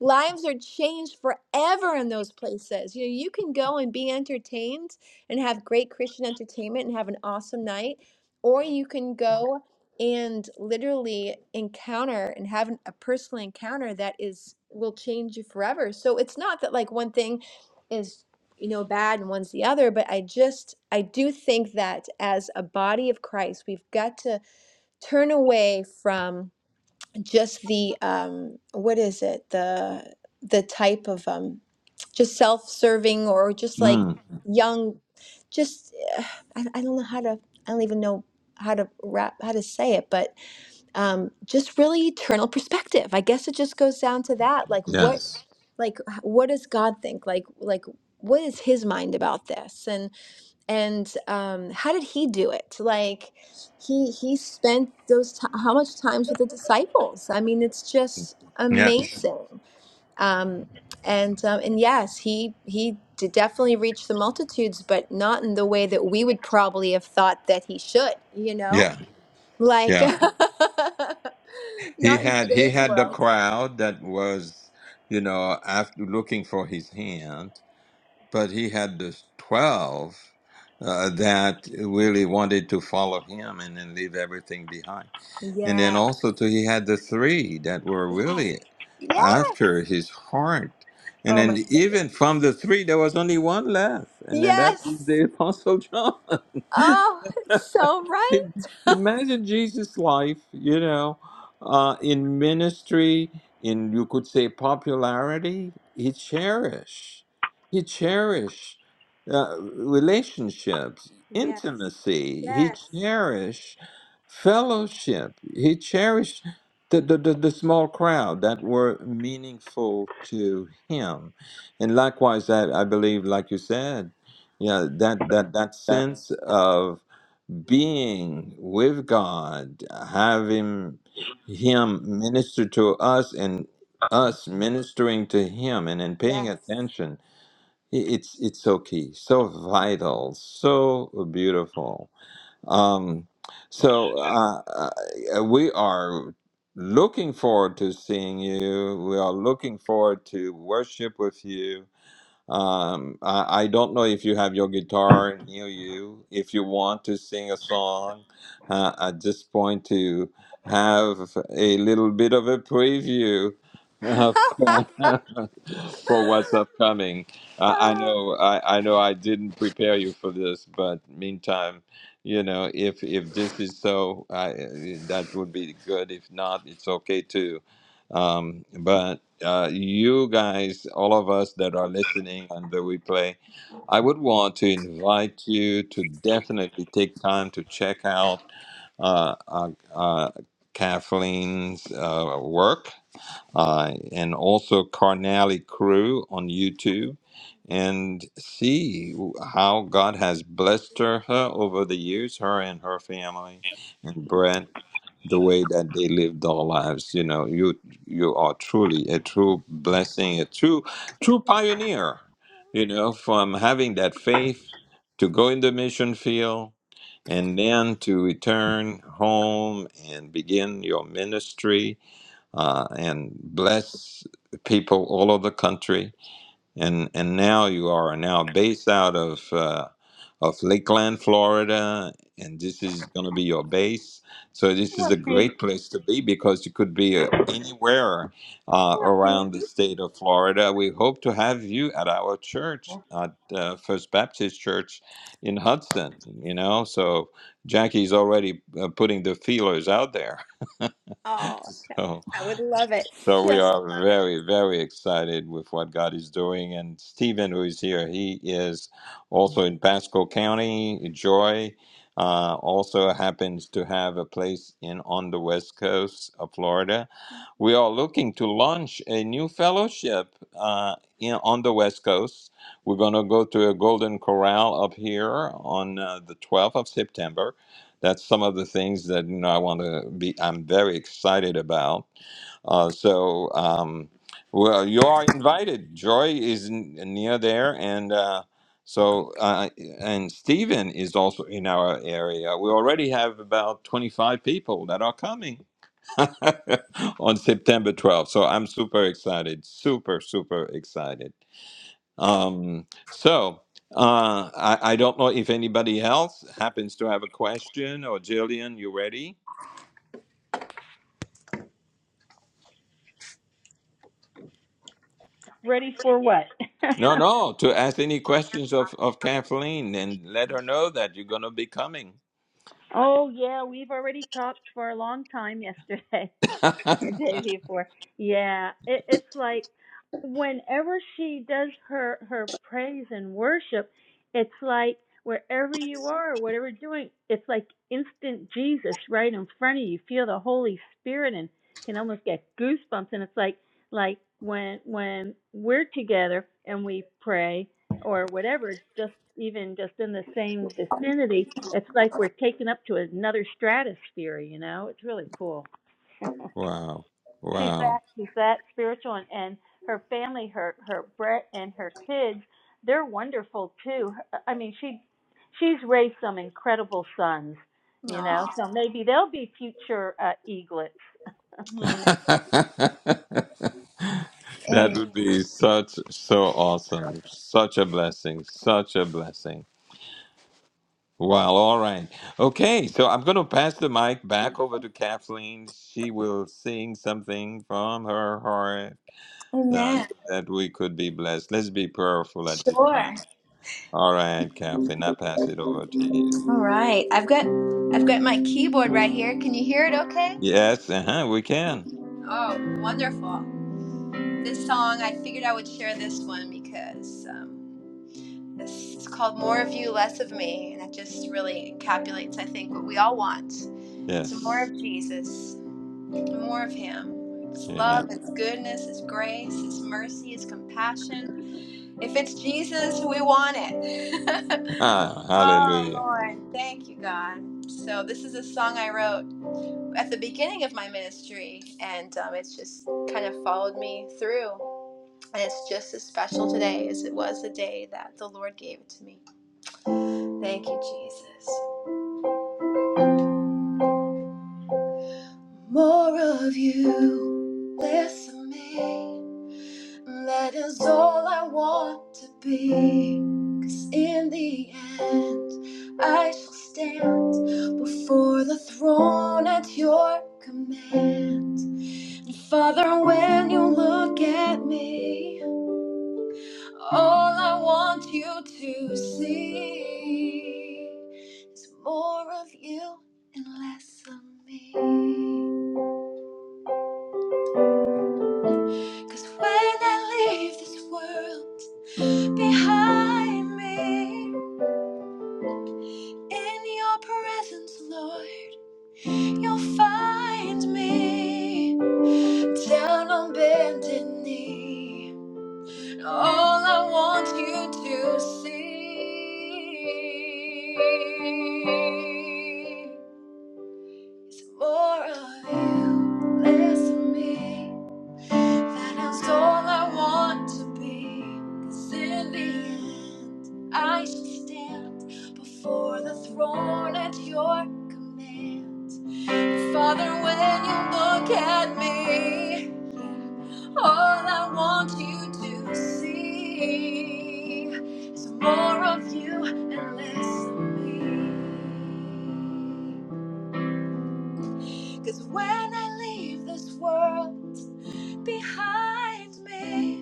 S3: lives are changed forever in those places. You know, you can go and be entertained and have great Christian entertainment and have an awesome night, or you can go and literally encounter and have an- a personal encounter that is will change you forever. So it's not that like one thing is you know bad and one's the other, but I just I do think that as a body of Christ, we've got to turn away from just the um what is it the the type of um just self-serving or just like
S1: Mm.
S3: Mhm. young just uh, I, I don't know how to i don't even know how to wrap how to say it but um just really eternal perspective i guess it just goes down to that like what Yeah.
S1: Yes.
S3: like h- what does god think like like what is his mind about this and and um, how did he do it? Like he he spent those ti how much times with the disciples? I mean, it's just
S1: Yeah.
S3: amazing. Um, and um, and yes, he he did definitely reach the multitudes, but not in the way that we would probably have thought that he should. You know,
S1: Yeah.
S3: like
S1: Yeah. He
S3: not in
S1: had he
S3: today's
S1: had the
S3: world.
S1: crowd that was, you know, after looking for his hand, but he had the twelve uh, that really wanted to follow him and then leave everything behind. And then
S3: Yeah.
S1: also too, he had the three that were
S3: Yes.
S1: really
S3: Yeah.
S1: after his heart. And
S3: Oh my
S1: then
S3: goodness.
S1: even from the three, there was only one left. And then that is the
S3: Yes.
S1: Apostle John.
S3: Oh, it's so right.
S1: Imagine Jesus' life, you know, uh, in ministry, in you could say popularity. He cherish, he cherish uh, relationships,
S3: Yes.
S1: intimacy. He
S3: Yes.
S1: cherish fellowship. He cherished the, the, the, the small crowd that were meaningful to him, and likewise, I, I believe, like you said, yeah, that that that sense of being with God, having Him minister to us and us ministering to Him and in paying
S3: Yes.
S1: attention, i- it's it's so key, so vital, so beautiful. Um, so uh, uh, we are looking forward to seeing you. We are looking forward to worship with you um, I, I don't know if you have your guitar near you. If you want to sing a song, uh, at this point to have a little bit of a preview uh, for, for what's upcoming. Uh, I know, I, I know, I didn't prepare you for this, but meantime, you know, if if this is so, I, that would be good. If not, it's okay too. Um, but uh, you guys, all of us that are listening on the replay, I would want to invite you to definitely take time to check out uh, uh, uh, Kathleen's uh, work uh, and also Carnally Crew on YouTube and see how God has blessed her, her over the years, her and her family, and Brett the way that they live their lives. You know, you you are truly a true blessing, a true true pioneer. You know, from having that faith to go in the mission field and then to return home and begin your ministry uh, and bless people all over the country and and now you are now based out of uh, of Lakeland, Florida, and this is going to be your base. So this is
S5: What
S1: a
S5: baby.
S1: great place to be because you could be uh, anywhere uh,
S5: What
S1: around the
S5: baby.
S1: state of Florida. We hope to have you at our church at uh, First Baptist Church in Hudson. You know, so Jackie's already uh, putting the feelers out there.
S3: oh,
S1: so.
S3: I would love it.
S1: So we
S3: Just
S1: are
S3: love it.
S1: very, very excited with what God is doing. And Stephen, who is here, he is also in Pasco County. Joy uh, also happens to have a place in on the west coast of Florida. We are looking to launch a new fellowship uh, in, on the west coast. We're going to go to a Golden Corral up here on uh, the 12th of September. That's some of the things that you know I want to be. I'm very excited about uh, so, um, well, you are invited. Joy is n- near there, and uh, so uh, and Stephen is also in our area. We already have about twenty-five people that are coming on September twelfth. So I'm super excited, super super excited. Um, so. Uh, I, I don't know if anybody else happens to have a question or Jillian, you ready?
S5: Ready for what? And
S1: No,
S5: I'm
S1: no, to ask any questions of, of Kathleen and let her know that you're going to be coming.
S5: Oh yeah, we've already talked for a long time yesterday. Or day before. Yeah, it, it's like whenever she does her her praise and worship, it's like wherever you are, whatever you're doing, it's like instant Jesus right in front of you. Feel the Holy Spirit and can almost get goosebumps. And it's like like when when we're together and we pray or whatever, just even just in the same vicinity, it's like we're taken up to another stratosphere. You know, it's really cool.
S1: wow.
S5: She's that
S1: Wow.
S5: she's that spiritual and, and her family, her her Brett and her kids, they're wonderful too. I mean, she she's raised some incredible sons, you know.
S3: Oh,
S5: So maybe they'll be future uh, eaglets.
S3: amen.
S1: that
S3: Amen.
S1: would be such, so awesome. Such a blessing. Such a blessing. Wow. All right. Okay. So I'm going to pass the mic back over to Kathleen. She will sing something from her heart uh,
S3: Amen.
S1: so that we could be blessed. Let's be prayerful at this time.
S3: Sure.
S1: All right, Kathleen, I pass it over to you.
S3: All right. I've got I've got my keyboard right here. Can you hear it okay?
S1: Yes, uh-huh, we can.
S3: Oh, wonderful. This song, I figured I would share this one because um, this is called More of You, Less of Me. And it just really encapsulates, I think, what we all want. It's more
S1: Yes.
S3: of Jesus. more of Him. His
S1: Amen.
S3: love, His goodness, His grace, His mercy, His compassion. If it's Jesus, we want it.
S1: Ah,
S3: oh,
S1: hallelujah.
S3: Lord. Thank you, God. So, this is a song I wrote at the beginning of my ministry, and um, it's just kind of followed me through. And it's just as special today as it was the day that the Lord gave it to me. Thank you, Jesus. More of you, less of me. That is all I want to be. 'Cause in the end, I shall stand before the throne at your command. And Father, when you look at me, all I want you to see is more of you and less of me. 'Cause when I leave this world behind me, In your presence, Lord, you'll find me down on bended knee. All I want you to see more of you, less of me. That is all I want to be. 'Cause in the end, I shall stand before the throne at your command. Father, when you look at me, all I want you to see is more of you and less of me. 'Cause when I leave this world behind me,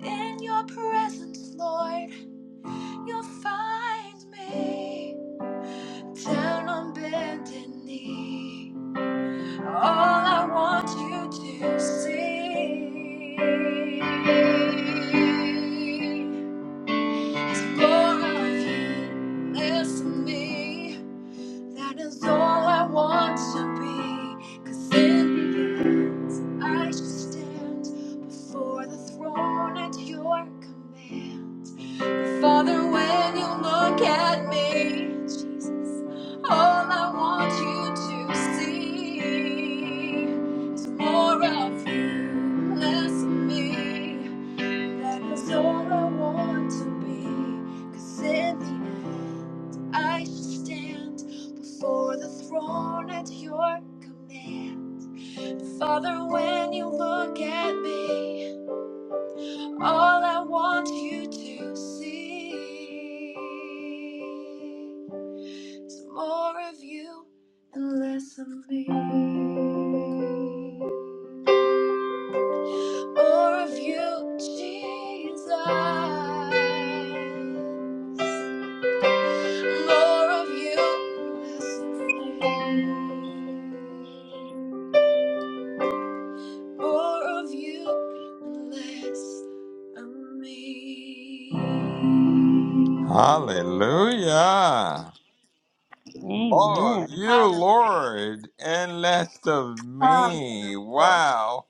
S3: In your presence, Lord, you'll find me down on bended knee. All I want you to see is more of you. Listen me. That is all I want to be. Cause in the end, I shall stand before the throne at your command. But Father, when you look at me, Jesus, all I want you to see is more of you, less of me. That is all I want to be. 'Cause in the I shall stand before the throne at your command. Father, when you look at me, all I want you to see is more of you and less of me. More of you, Jesus. More of you, more of you, less of me.
S1: Hallelujah. More of
S5: Amen.
S1: you,
S3: Hallelujah.
S1: Lord, and less of me. Wow.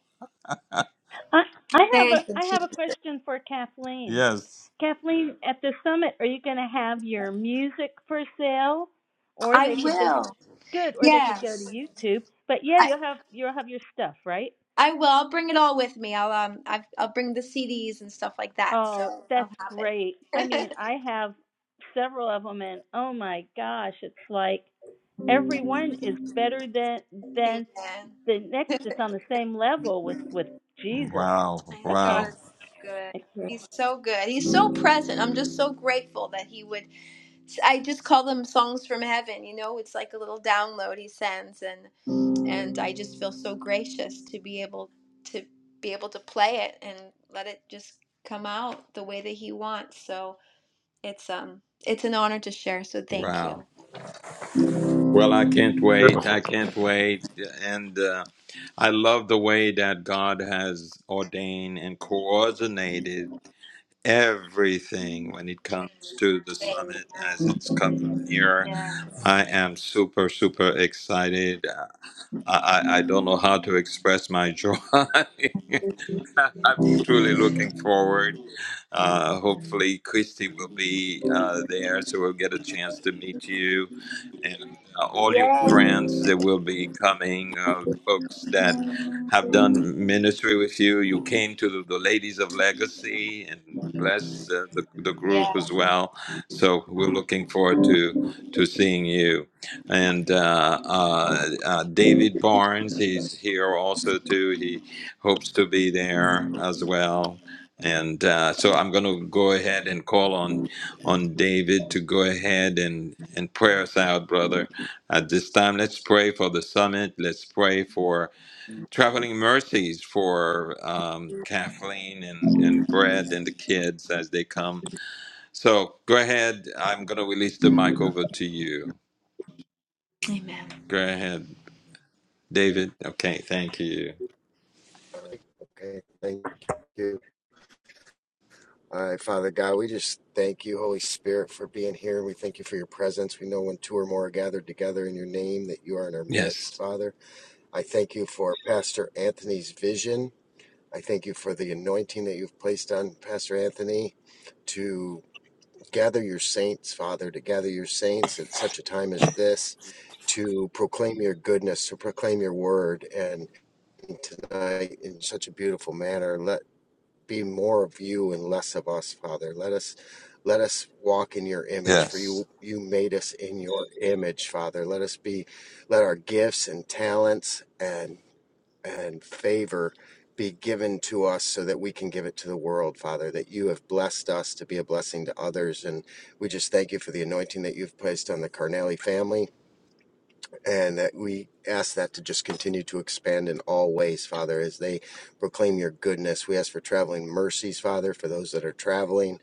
S5: I, I have a
S3: Thank you,
S5: I have
S3: Jesus.
S5: a question for Kathleen.
S1: Yes.
S5: Kathleen, at the summit, are you going to have your music for sale, or
S3: I
S5: they could just
S3: will.
S5: good, or they could go to
S3: Yes,
S5: YouTube? But yeah,
S3: I
S5: you'll have you'll have your stuff, right?
S3: I will. I'll bring it all with me. I'll um I've, I'll bring the CDs and stuff like that.
S5: Oh,
S3: So I'll
S5: that's
S3: have it.
S5: great. I mean, I have several of them, and oh my gosh, it's like every one is better than
S3: Amen.
S5: than the next. It's on the same level with with Jesus.
S1: Wow.
S3: Man, God
S5: Okay.
S3: is
S1: Wow.
S3: so good. He's so good. He's so present. I'm just so grateful that he would. I just call them songs from heaven. You know, it's like a little download he sends, and and I just feel so gracious to be able to be able to play it and let it just come out the way that he wants. So it's um it's an honor to share. So thank
S1: Wow.
S3: you.
S1: Well, I can't wait.
S4: Beautiful.
S1: I can't wait. And uh, I love the way that God has ordained and coordinated everything when it comes to the summit as
S3: Amen.
S1: it's coming nearer.
S3: Yes.
S1: I am super, super excited. Uh, I, I, I don't know how to express my joy. I'm truly looking forward. Uh, hopefully, Christy will be uh, there, so we'll get a chance to meet you and uh, all your
S3: Yay.
S1: friends that will be coming, uh, folks that have done ministry with you. You came to the, the Ladies of Legacy and bless uh, the, the group
S3: Yeah.
S1: as well. So we're looking forward to to seeing you. And uh, uh, uh, David Barnes, he's here also too. He hopes to be there as well. And uh, so I'm going to go ahead and call on on David to go ahead and and pray us out, brother. At this time, let's pray for the summit. Let's pray for traveling mercies for um, Kathleen and and Brad and the kids as they come. So go ahead. I'm going to release the mic over to you.
S3: Amen.
S1: Go ahead, David. Okay, thank you.
S6: Okay, thank you. All right, Father God, we just thank you, Holy Spirit, for being here. We thank you for your presence. We know when two or more are gathered together in your name that you are in our
S1: Yes.
S6: midst, Father. I thank you for Pastor Anthony's vision. I thank you for the anointing that you've placed on Pastor Anthony to gather your saints, Father, to gather your saints at such a time as this, to proclaim your goodness, to proclaim your word, and tonight in such a beautiful manner. be more of you and less of us, Father. Let us let us walk in your image, for
S1: Yes.
S6: you you made us in your image, Father. Let us be let our gifts and talents and and favor be given to us so that we can give it to the world, Father, that you have blessed us to be a blessing to others. And we just thank you for the anointing that you've placed on the Carnelli family and that we ask that to just continue to expand in all ways, Father, as they proclaim your goodness. We ask for traveling mercies, Father, for those that are traveling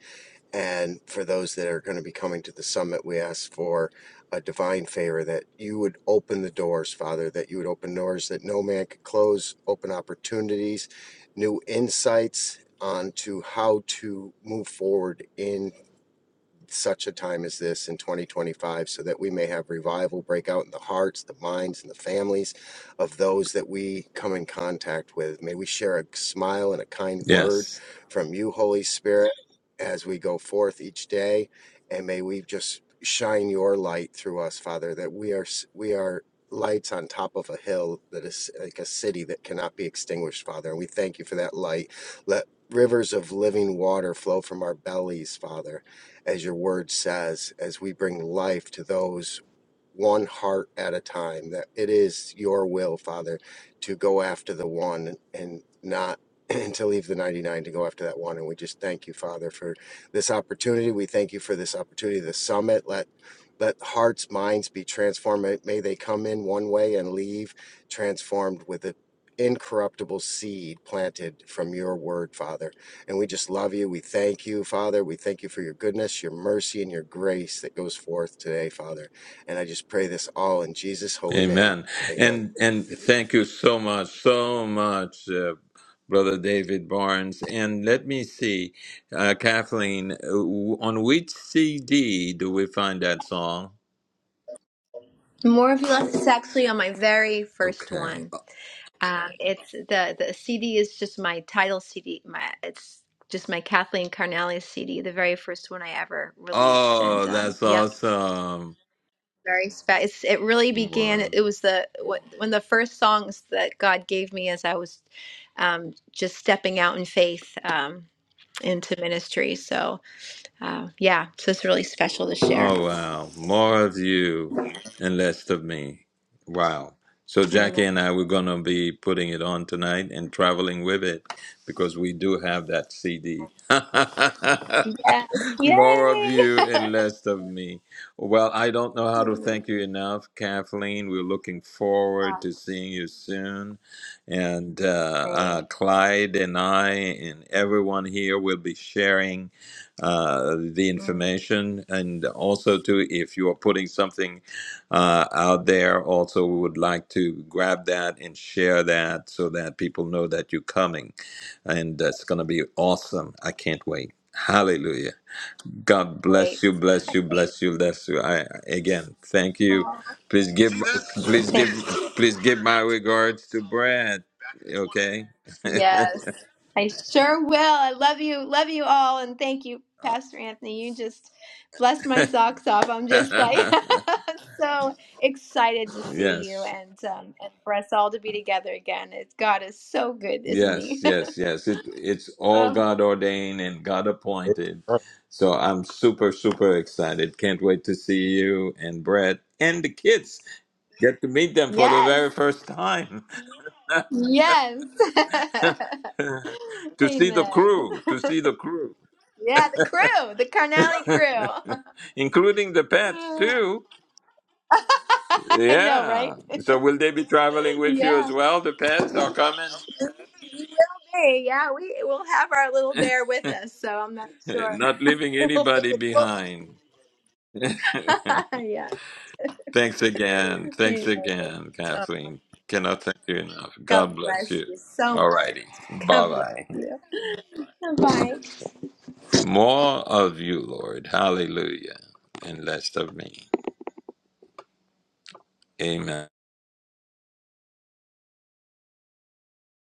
S6: and for those that are going to be coming to the summit. We ask for a divine favor that you would open the doors, Father, that you would open doors that no man could close, open opportunities, new insights onto how to move forward in such a time as this in 2025 so that we may have revival break out in the hearts, the minds, and the families of those that we come in contact with. May we share a smile and a kind word
S1: Yes.
S6: from you, Holy Spirit, as we go forth each day. And may we just shine your light through us, Father, that we are we are lights on top of a hill that is like a city that cannot be extinguished, Father. And we thank you for that light. Let rivers of living water flow from our bellies, Father as your word says, as we bring life to those one heart at a time, that it is your will, Father, to go after the one and not. And to leave the 99 to go after that one. And we just thank you, Father, for this opportunity. We thank you for this opportunity, the summit. Let let hearts, minds be transformed. May may they come in one way and leave transformed with the incorruptible seed planted from your word, Father and we just love you. We thank you, Father. We thank you for your goodness, your mercy, and your grace that goes forth today, Father. And I just pray this all in Jesus' holy name.
S1: Amen.
S6: Amen.
S1: And and thank you so much, so much, uh, Brother David Barnes. And let me see, uh, Kathleen, uh, w- on which CD do we find that song?
S3: More of you left is actually on my very first
S1: Okay.
S3: one. Um, it's the the CD is just my title CD. My it's just my Kathleen Carnally CD, the very first one I ever released. And
S1: Oh,
S3: um,
S1: that's
S3: yep,
S1: awesome.
S3: very special. It's, it really began.
S1: Wow.
S3: It was the what one of the first songs that God gave me as I was um, just stepping out in faith um, into ministry. So uh, yeah, so it's really special to share.
S1: Oh, wow. More of you and less of me. Wow. So,
S3: Amen.
S1: Jackie and I, we're going to be putting it on tonight and traveling with it because we do have that CD.
S3: Yes. Yay.
S1: More of you and less of me. Well, I don't know how to
S3: Amen.
S1: thank you enough, Kathleen. We're looking forward
S3: Oh,
S1: to seeing you soon. And uh,
S3: same.
S1: uh, Clyde and I and everyone here will be sharing uh, the
S3: Mm,
S1: information and also to if you are putting something uh, out there also we would like to grab that and share that so that people know that you're coming and that's going to be awesome i can't wait hallelujah god
S3: wait.
S1: bless you bless you
S3: Same.
S1: bless you bless you i again thank you
S3: Oh,
S1: please give please give please give my regards to brad okay
S3: Yes, I sure will. I love you. Love you all. And thank you, Pastor Anthony. You just blessed my socks off. I'm just like so excited to see you
S1: yes
S3: and, um, and for us all to be together again. It's, God is so good, isn't
S1: Yes,
S3: He?
S1: yes, yes. It it's all
S3: oh,
S1: God ordained and God appointed. So I'm super, super excited. Can't wait to see you and Brett and the kids. Get to meet them for the
S3: yes.
S1: very first time.
S3: Yes.
S1: to see the
S3: Amen.
S1: crew, to see the crew,
S3: Yeah, the crew, the Carnally crew.
S1: including the pets too.
S3: I know, right?
S1: Yeah. So will they be traveling with you
S3: yeah.
S1: as well? The pets are coming,
S3: You will be, yeah. We will have our little bear with us, so I'm not sure.
S1: not leaving
S3: We'll
S1: anybody
S3: figure. We'll,
S1: behind.
S3: yeah.
S1: Thanks again. Thanks
S3: Amen.
S1: again,
S3: Oh,
S1: Kathleen. Cannot thank you enough.
S3: God
S1: God bless
S3: bless
S1: you.
S3: you so
S1: All righty.
S3: much.
S1: Bye
S3: God bless
S1: bye.
S3: you. Bye.
S1: More of you, Lord. Hallelujah. And less of me. Amen.